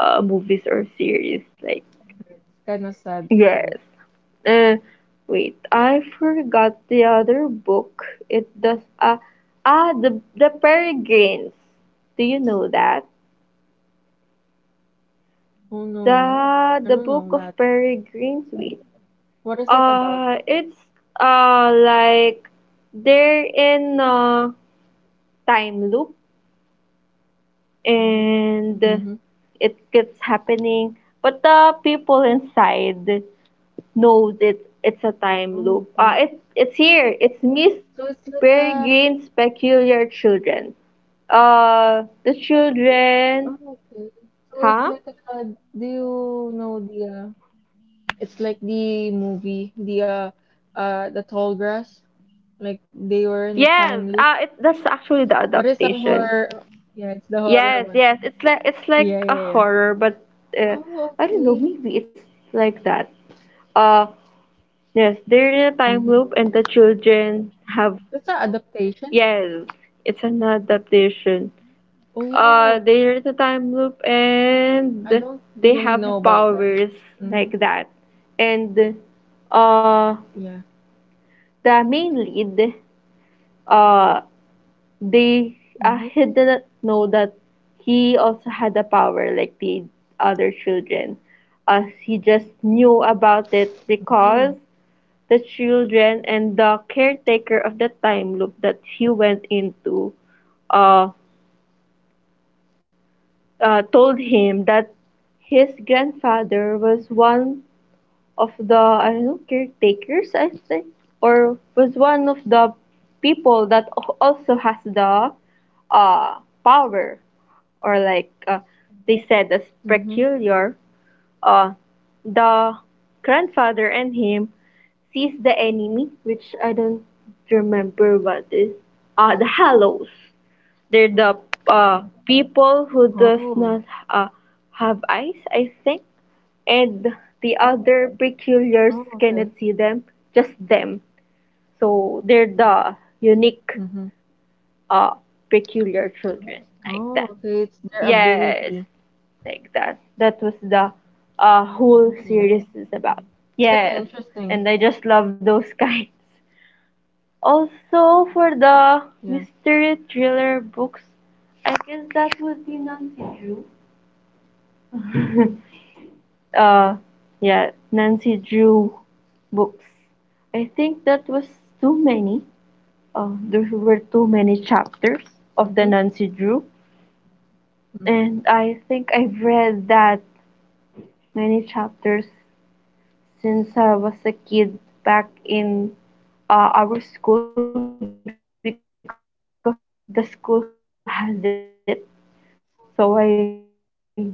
B: movies or series. Like
A: It's kind of sad,
B: yes,
A: right?
B: uh, wait, I forgot the other book. It does the Peregrines. Do you know that
A: Oh
B: the
A: no, I
B: the
A: don't
B: book
A: know
B: of
A: that.
B: Peregrines? Wait,
A: What is it about?
B: it's like they're in a time loop, and
A: Mm-hmm.
B: it keeps happening. But the people inside knows it. It's a time
A: Oh
B: loop.
A: okay.
B: It's here. It's Miss
A: So it's like a.
B: Peregrine's peculiar children. The children,
A: Oh okay. So it's
B: huh?
A: like a. Do you know the uh, it's like the movie, the tall grass. Like they were in a
B: Yes.
A: time loop.
B: It That's actually the
A: But it's a
B: adaptation.
A: horror. Yeah, it's the horror
B: Yes,
A: one.
B: yes. It's
A: Yeah,
B: like a
A: yeah, yeah.
B: horror, but uh,
A: Oh,
B: I don't know.
A: okay.
B: Maybe it's like that. Uh, yes, they're in a time
A: Mm-hmm.
B: loop, and the children have...
A: That's an adaptation.
B: Yes, it's an adaptation.
A: Oh, wow.
B: There is a time loop,
A: I
B: and
A: don't
B: they
A: really
B: have
A: know about that.
B: powers
A: Mm-hmm.
B: like that. And uh,
A: Yeah.
B: the main lead, uh, they
A: Mm-hmm.
B: he didn't know that he also had a power like the other children. He just knew about it because the children and the caretaker of the time loop that he went into. uh, Told him that his grandfather was one of the, I don't know, caretakers, I think, or was one of the people that also has the power, or like, they said, as
A: Mm-hmm.
B: peculiar. uh, the grandfather and him sees the enemy, which I don't remember what is. The Hallows. They're the people who does
A: Oh.
B: not uh, have eyes, I think. And the other peculiars
A: Oh, okay.
B: cannot see them, just them. So they're the unique,
A: Mm-hmm.
B: uh, peculiar children like
A: Oh,
B: that.
A: okay. It's their
B: Yes,
A: ability.
B: like that. That was the whole
A: Oh.
B: series is about.
A: It's kind of
B: Yes,
A: interesting.
B: and I just love those [LAUGHS] kinds. Also, for the
A: Yeah.
B: mystery thriller books, I guess that would be Nancy Drew. [LAUGHS] uh, yeah, Nancy Drew books. I think that was too many. There were too many chapters of the
A: Mm-hmm.
B: Nancy Drew.
A: Mm-hmm.
B: And I think I've read that many chapters since I was a kid back in our school because the school has it. So I luckily I was able to read them because of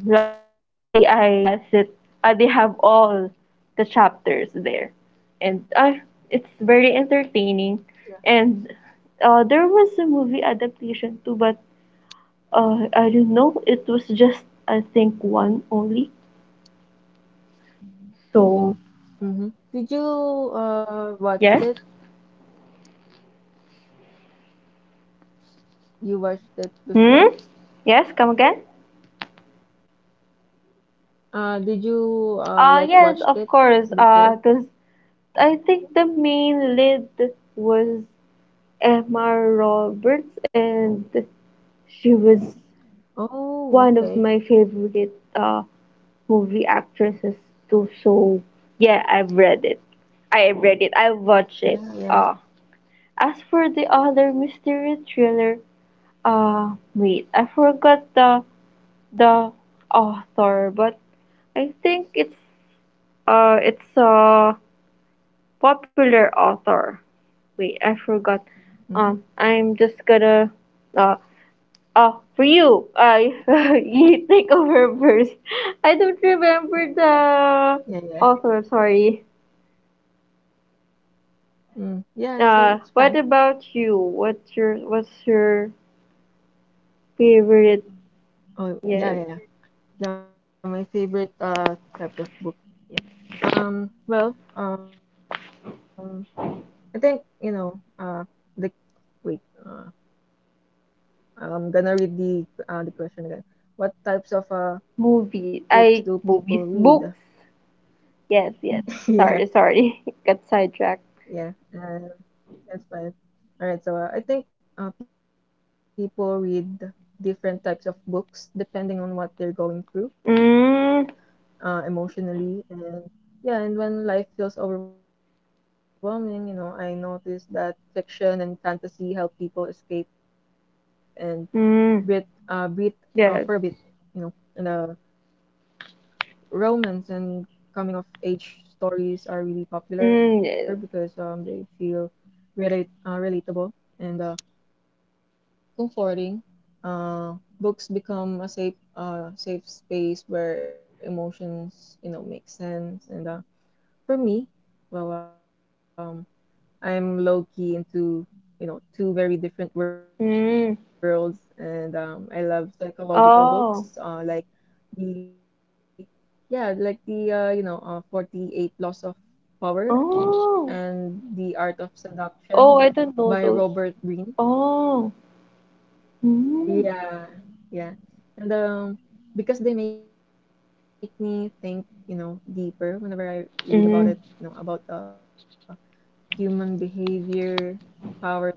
B: our school. They has it. They have all the chapters there, and it's very entertaining.
A: Yeah.
B: And there was a movie adaptation too, but I don't know. It was just, I think, one only. So,
A: Mm-hmm. Did you watched
B: yes.
A: it? You watched it
B: Hmm?
A: before?
B: Yes, come again?
A: Did you like
B: Yes,
A: watched
B: of
A: it
B: course.
A: before?
B: Cause I think the main lead was Emma Roberts, and she was one
A: Oh,
B: of my
A: okay.
B: favorite movie actresses too. So, yeah, I've read it. I have read it. I have watched it.
A: Yeah, yeah.
B: Uh, as for the other mystery thriller, wait, I forgot the author, but I think it's a popular author. Wait, I forgot. I'm just
A: Mm-hmm.
B: gonna uh for you. I [LAUGHS] you take over [LAUGHS] first. I don't remember the
A: Yeah, yeah.
B: author. Sorry.
A: Mm. Yeah, it's
B: What
A: fine.
B: about you? What's your favorite?
A: Oh,
B: Yes,
A: yeah, yeah, yeah. Yeah, my favorite types of book. Yeah. Um, well, um, I think, you know, the wait, I'm gonna read the question again. What types of
B: movie.
A: books
B: I
A: do
B: movies
A: people read?
B: books. Yes, yes. Sorry,
A: [LAUGHS] yeah,
B: sorry. [LAUGHS] Got sidetracked.
A: yeah, that's fine. All right, so I think people read different types of books depending on what they're going through
B: Mm,
A: emotionally and yeah, and when life feels overwhelming, you know, I notice that fiction and fantasy help people escape and
B: mm,
A: Brit,
B: yes.
A: for a bit, you know, and the romance and coming of age stories are really
B: Mm,
A: popular
B: yes.
A: because they feel relate relatable and comforting. Books become a safe space where emotions you know make sense and for me, well um I'm low key into, you know, two very different
B: Mm.
A: worlds, and I love psychological
B: Oh.
A: books, like the, yeah, like the, you know, 48 Laws of Power
B: Oh.
A: and The Art of
B: Oh,
A: Seduction
B: I don't know those.
A: by Robert Greene.
B: Oh. Mm.
A: Yeah, yeah, and because they make me think, you know, deeper whenever I read
B: Mm.
A: about it, you know, about human behavior, power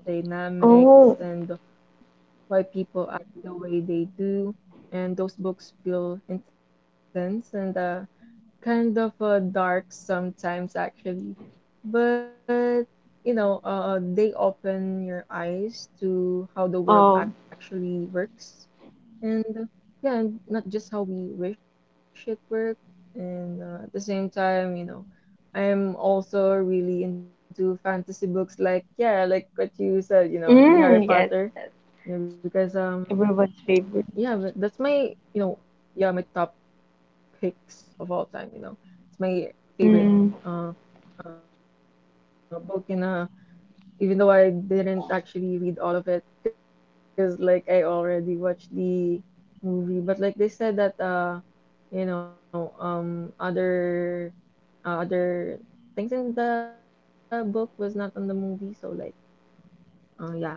B: Oh.
A: dynamics, and why people act the way they do. And those books feel intense and kind of dark sometimes, actually. But you know, they open your eyes to how the world
B: Oh.
A: actually works. And yeah, and not just how we wish it worked. And at the same time, you know, I'm also really into fantasy books like, yeah, like what you said, you know, the Harry
B: Mm,
A: Potter,
B: yes, yes.
A: you know, because,
B: Everyone's
A: yeah,
B: favorite.
A: but that's my, you know, yeah, my top picks of all time, you know. It's my
B: Mm.
A: favorite uh, book in a even though I didn't actually read all of it because like I already watched the movie but like they said that you know other other things in the book was not on the movie so like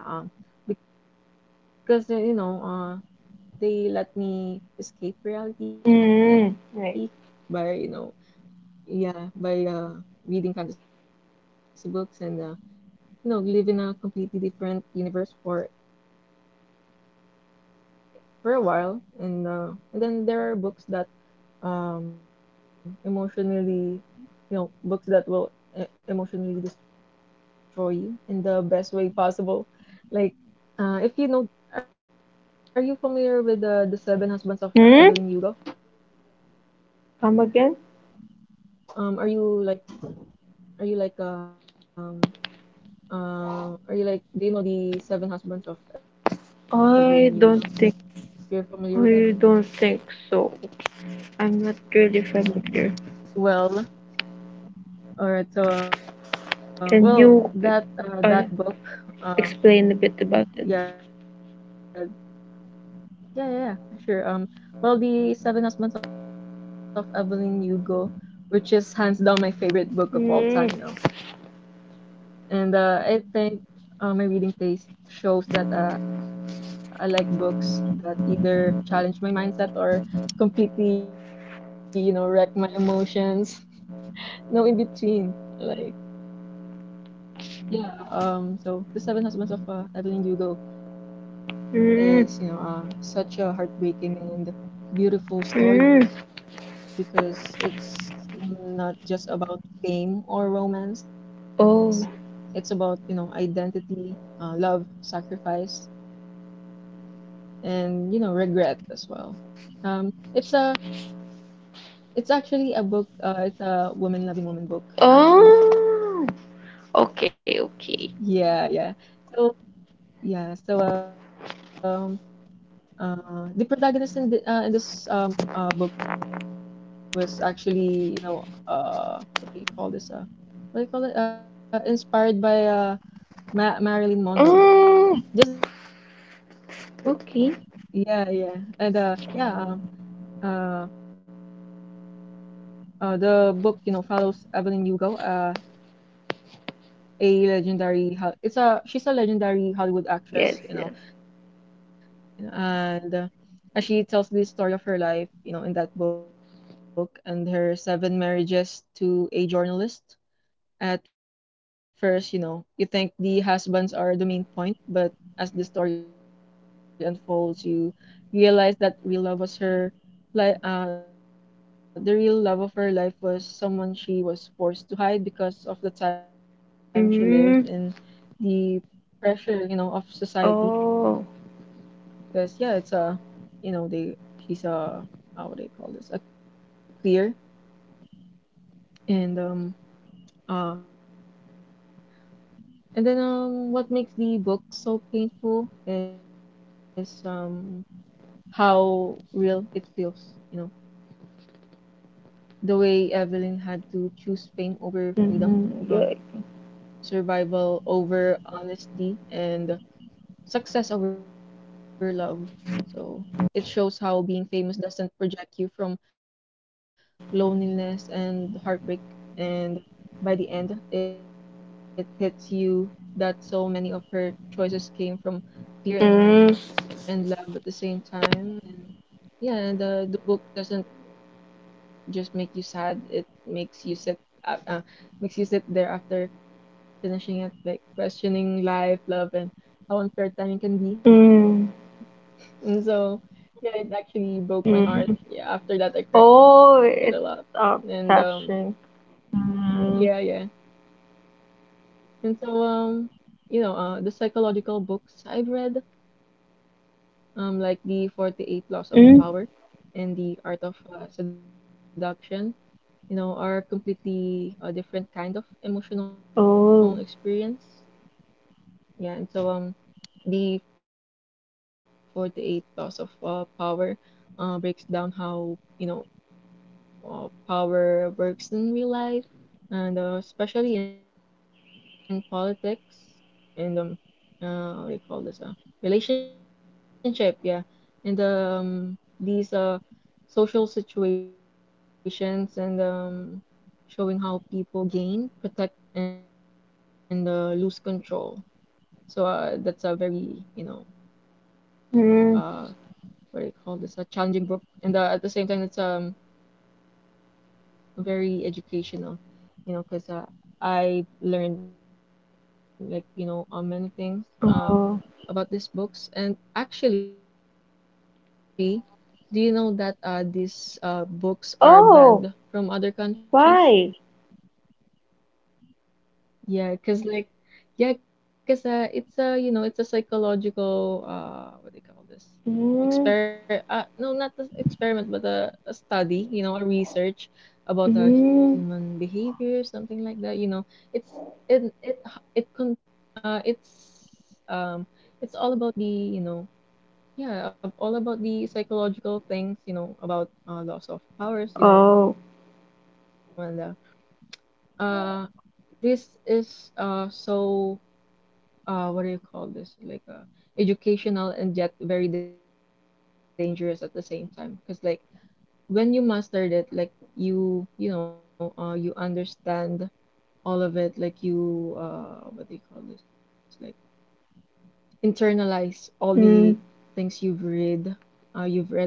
A: yeah because you know they let me escape
B: Mm.
A: reality
B: Right.
A: by you know yeah by reading fantasy books and no, live in a completely different universe for a while, and then there are books that emotionally, you know, books that will e emotionally destroy you in the best way possible. Like, if you know, are you familiar with the Seven Husbands of Evelyn
B: Mm?
A: Hugo?
B: Come again?
A: Are you are you are you like, do you know the Seven Husbands of Evelyn
B: I
A: Hugo?
B: don't think
A: You're familiar with
B: I
A: that?
B: don't think so. I'm not really familiar.
A: Well, all right. So,
B: Can
A: well,
B: you
A: that
B: uh,
A: that book, uh,
B: explain a bit about it.
A: yeah, yeah, yeah, yeah, sure. Well, the Seven Husbands of Evelyn Hugo, which is hands down my favorite book of
B: Mm,
A: all time, you know. And I think my reading taste shows that I like books that either challenge my mindset or completely, you know, wreck my emotions. [LAUGHS] No in between, like. Yeah, so The Seven Husbands of Evelyn Hugo is, you
B: mm,
A: know, such a heartbreaking and beautiful
B: mm.
A: story because it's not just about fame or romance.
B: Oh.
A: It's about, you know, identity, love, sacrifice, and, you know, regret as well. Um, it's it's actually a book, it's a woman-loving woman book, actually.
B: Oh. Okay, okay.
A: Yeah, yeah. So, yeah, so the protagonist in the, in this book was actually, you know, what do you call this? What do you call it? Inspired by Ma Marilyn
B: Oh.
A: Monroe. Just
B: Okay.
A: yeah, yeah. And uh yeah, um uh the book, you know, follows Evelyn Hugo, a legendary Hol- it's a she's a legendary Hollywood
B: Yes, yes.
A: actress, you know, and as she tells the story of her life, you know, in that book and her seven marriages to a journalist. At first, you know, you think the husbands are the main point, but as the story unfolds, you realize that real love was her like the real love of her life was someone she was forced to hide because of the time she lived
B: Mm.
A: in, the pressure, you know, of
B: Oh.
A: society. Because yeah, it's a you know they she's a how would I call this A queer. And um uh and then What makes the book so painful is how real it feels, you know, the way Evelyn had to choose fame over freedom,
B: Mm, good.
A: survival over honesty, and success over love. So it shows how being famous doesn't project you from loneliness and heartbreak. And by the end, it hits you that so many of her choices came from fear
B: Mm,
A: and love at the same time. And the book doesn't just make you sad, it uh, uh makes you sit there after finishing it, like questioning life, love, and how unfair timing can
B: mm,
A: be. And so, yeah, it actually broke my
B: mm.
A: heart. Yeah, after that I cried a
B: Oh,
A: lot.
B: it's
A: And
B: uh, touching. Mm,
A: Yeah, yeah. And so you know, the psychological books I've read, like the 48 Laws of Power
B: mm.
A: and the Art of Seduction, you know, are completely a different kind of emotional
B: Oh.
A: experience. Yeah, and so the 48 laws of power breaks down how, you know, power works in real life, and especially in politics and what do you call this? Relationship, yeah. And these social situations, and showing how people gain, protect, and lose control. So that's a very, you know, uh,
B: Mm.
A: what do you call this? A challenging book, and at the same time, it's very educational, you know, because I learned, like, you know, many things uh about
B: Oh.
A: these books. And actually, do you know that these books are banned from other countries?
B: Oh, why?
A: Yeah, because, like, yeah, because it's a, you know, it's a psychological, what do you call this, exper no, not the
B: Mm,
A: experiment, but a study, you know, a research about human behavior, something like
B: mm.
A: that, you know. It's it it h- it con It's it's all about the, you know, all about the psychological things, you know, about loss of powers, you know. And
B: Oh.
A: uh this is so what do you call this, like, educational and yet very dangerous at the same time, because, like, when you mastered it, like, you know, you understand all of it, like, you what do you call this, like, internalize all the things
B: Mm.
A: you've read in this book,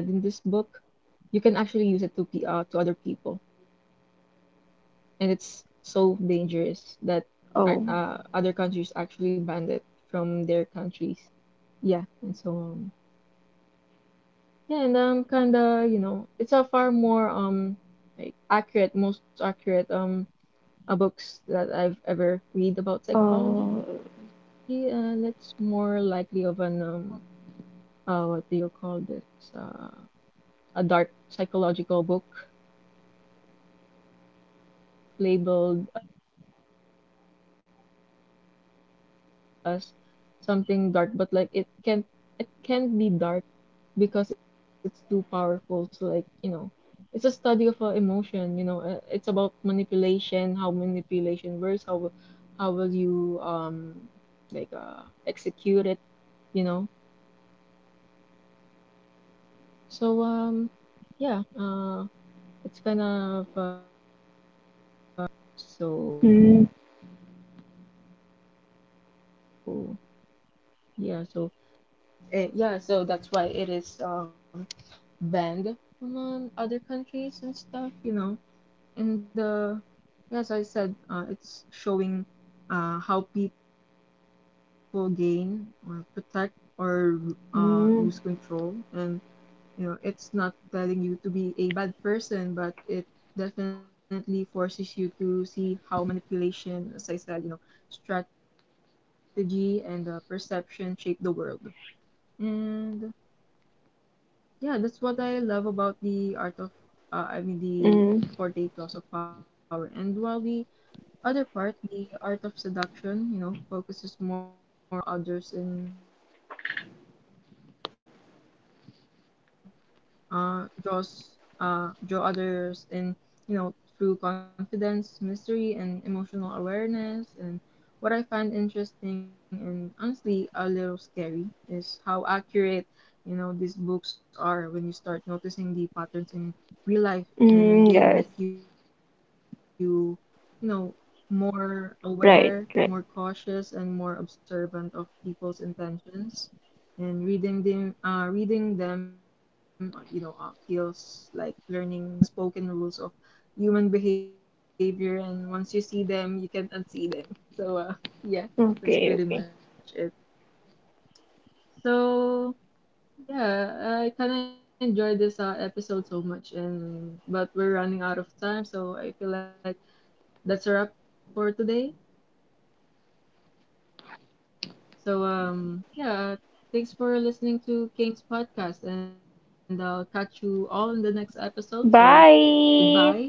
A: you can actually use it to p to other people. And it's so dangerous that other countries actually
B: Oh.
A: banned it from their countries. Yeah, and so yeah, and I'm kinda, you know, it's a far more like accurate, most accurate books that I've ever read about psychology, and it's
B: Uh,
A: more likely of an what do you call this, a dark psychological book, but it's not meant for, you know, label it's not labeled as something dark, but like it can, it can be dark, because it's too powerful to, like, you know, it's a study of emotion, you know, it's about manipulation, how manipulation works, how will you execute it, you know. So yeah, it's kind of a dangerous book, actually.
B: mm,
A: So yeah, so yeah, so that's why it is banned from other countries and stuff, you know. And yes, I said it's showing how people gain or protect or lose control. And
B: mm,
A: you know, it's not telling you to be a bad person, but it definitely forces you to see how manipulation, as I said, you know, strategy and perception shape the world. And yeah, that's what I love about the art of I mean the 48 Laws of Power. And
B: mm,
A: while the other part, the Art of Seduction, you know, focuses more on influence and attraction, explaining how people draw others in, uh, draws draw others in, you know, through confidence, mystery, and emotional awareness. And what I find interesting and honestly a little scary is how accurate, you know, these books are when you start noticing the patterns in real life. And they make
B: mm,
A: you,
B: yes,
A: you know, more aware, more cautious, and more
B: right, right.
A: observant of people's intentions. And reading them, you know, feels like learning the unspoken rules of human behavior. And once you see them, you can't unsee them. So, yeah, that's pretty much it.
B: Okay, okay.
A: So. Yeah, I kind of enjoyed this episode so much, and but we're running out of time, so I feel like that's a wrap for today. So yeah, thanks for listening to King's podcast, and I'll catch you all in the next episode. So goodbye, everyone.
B: Bye.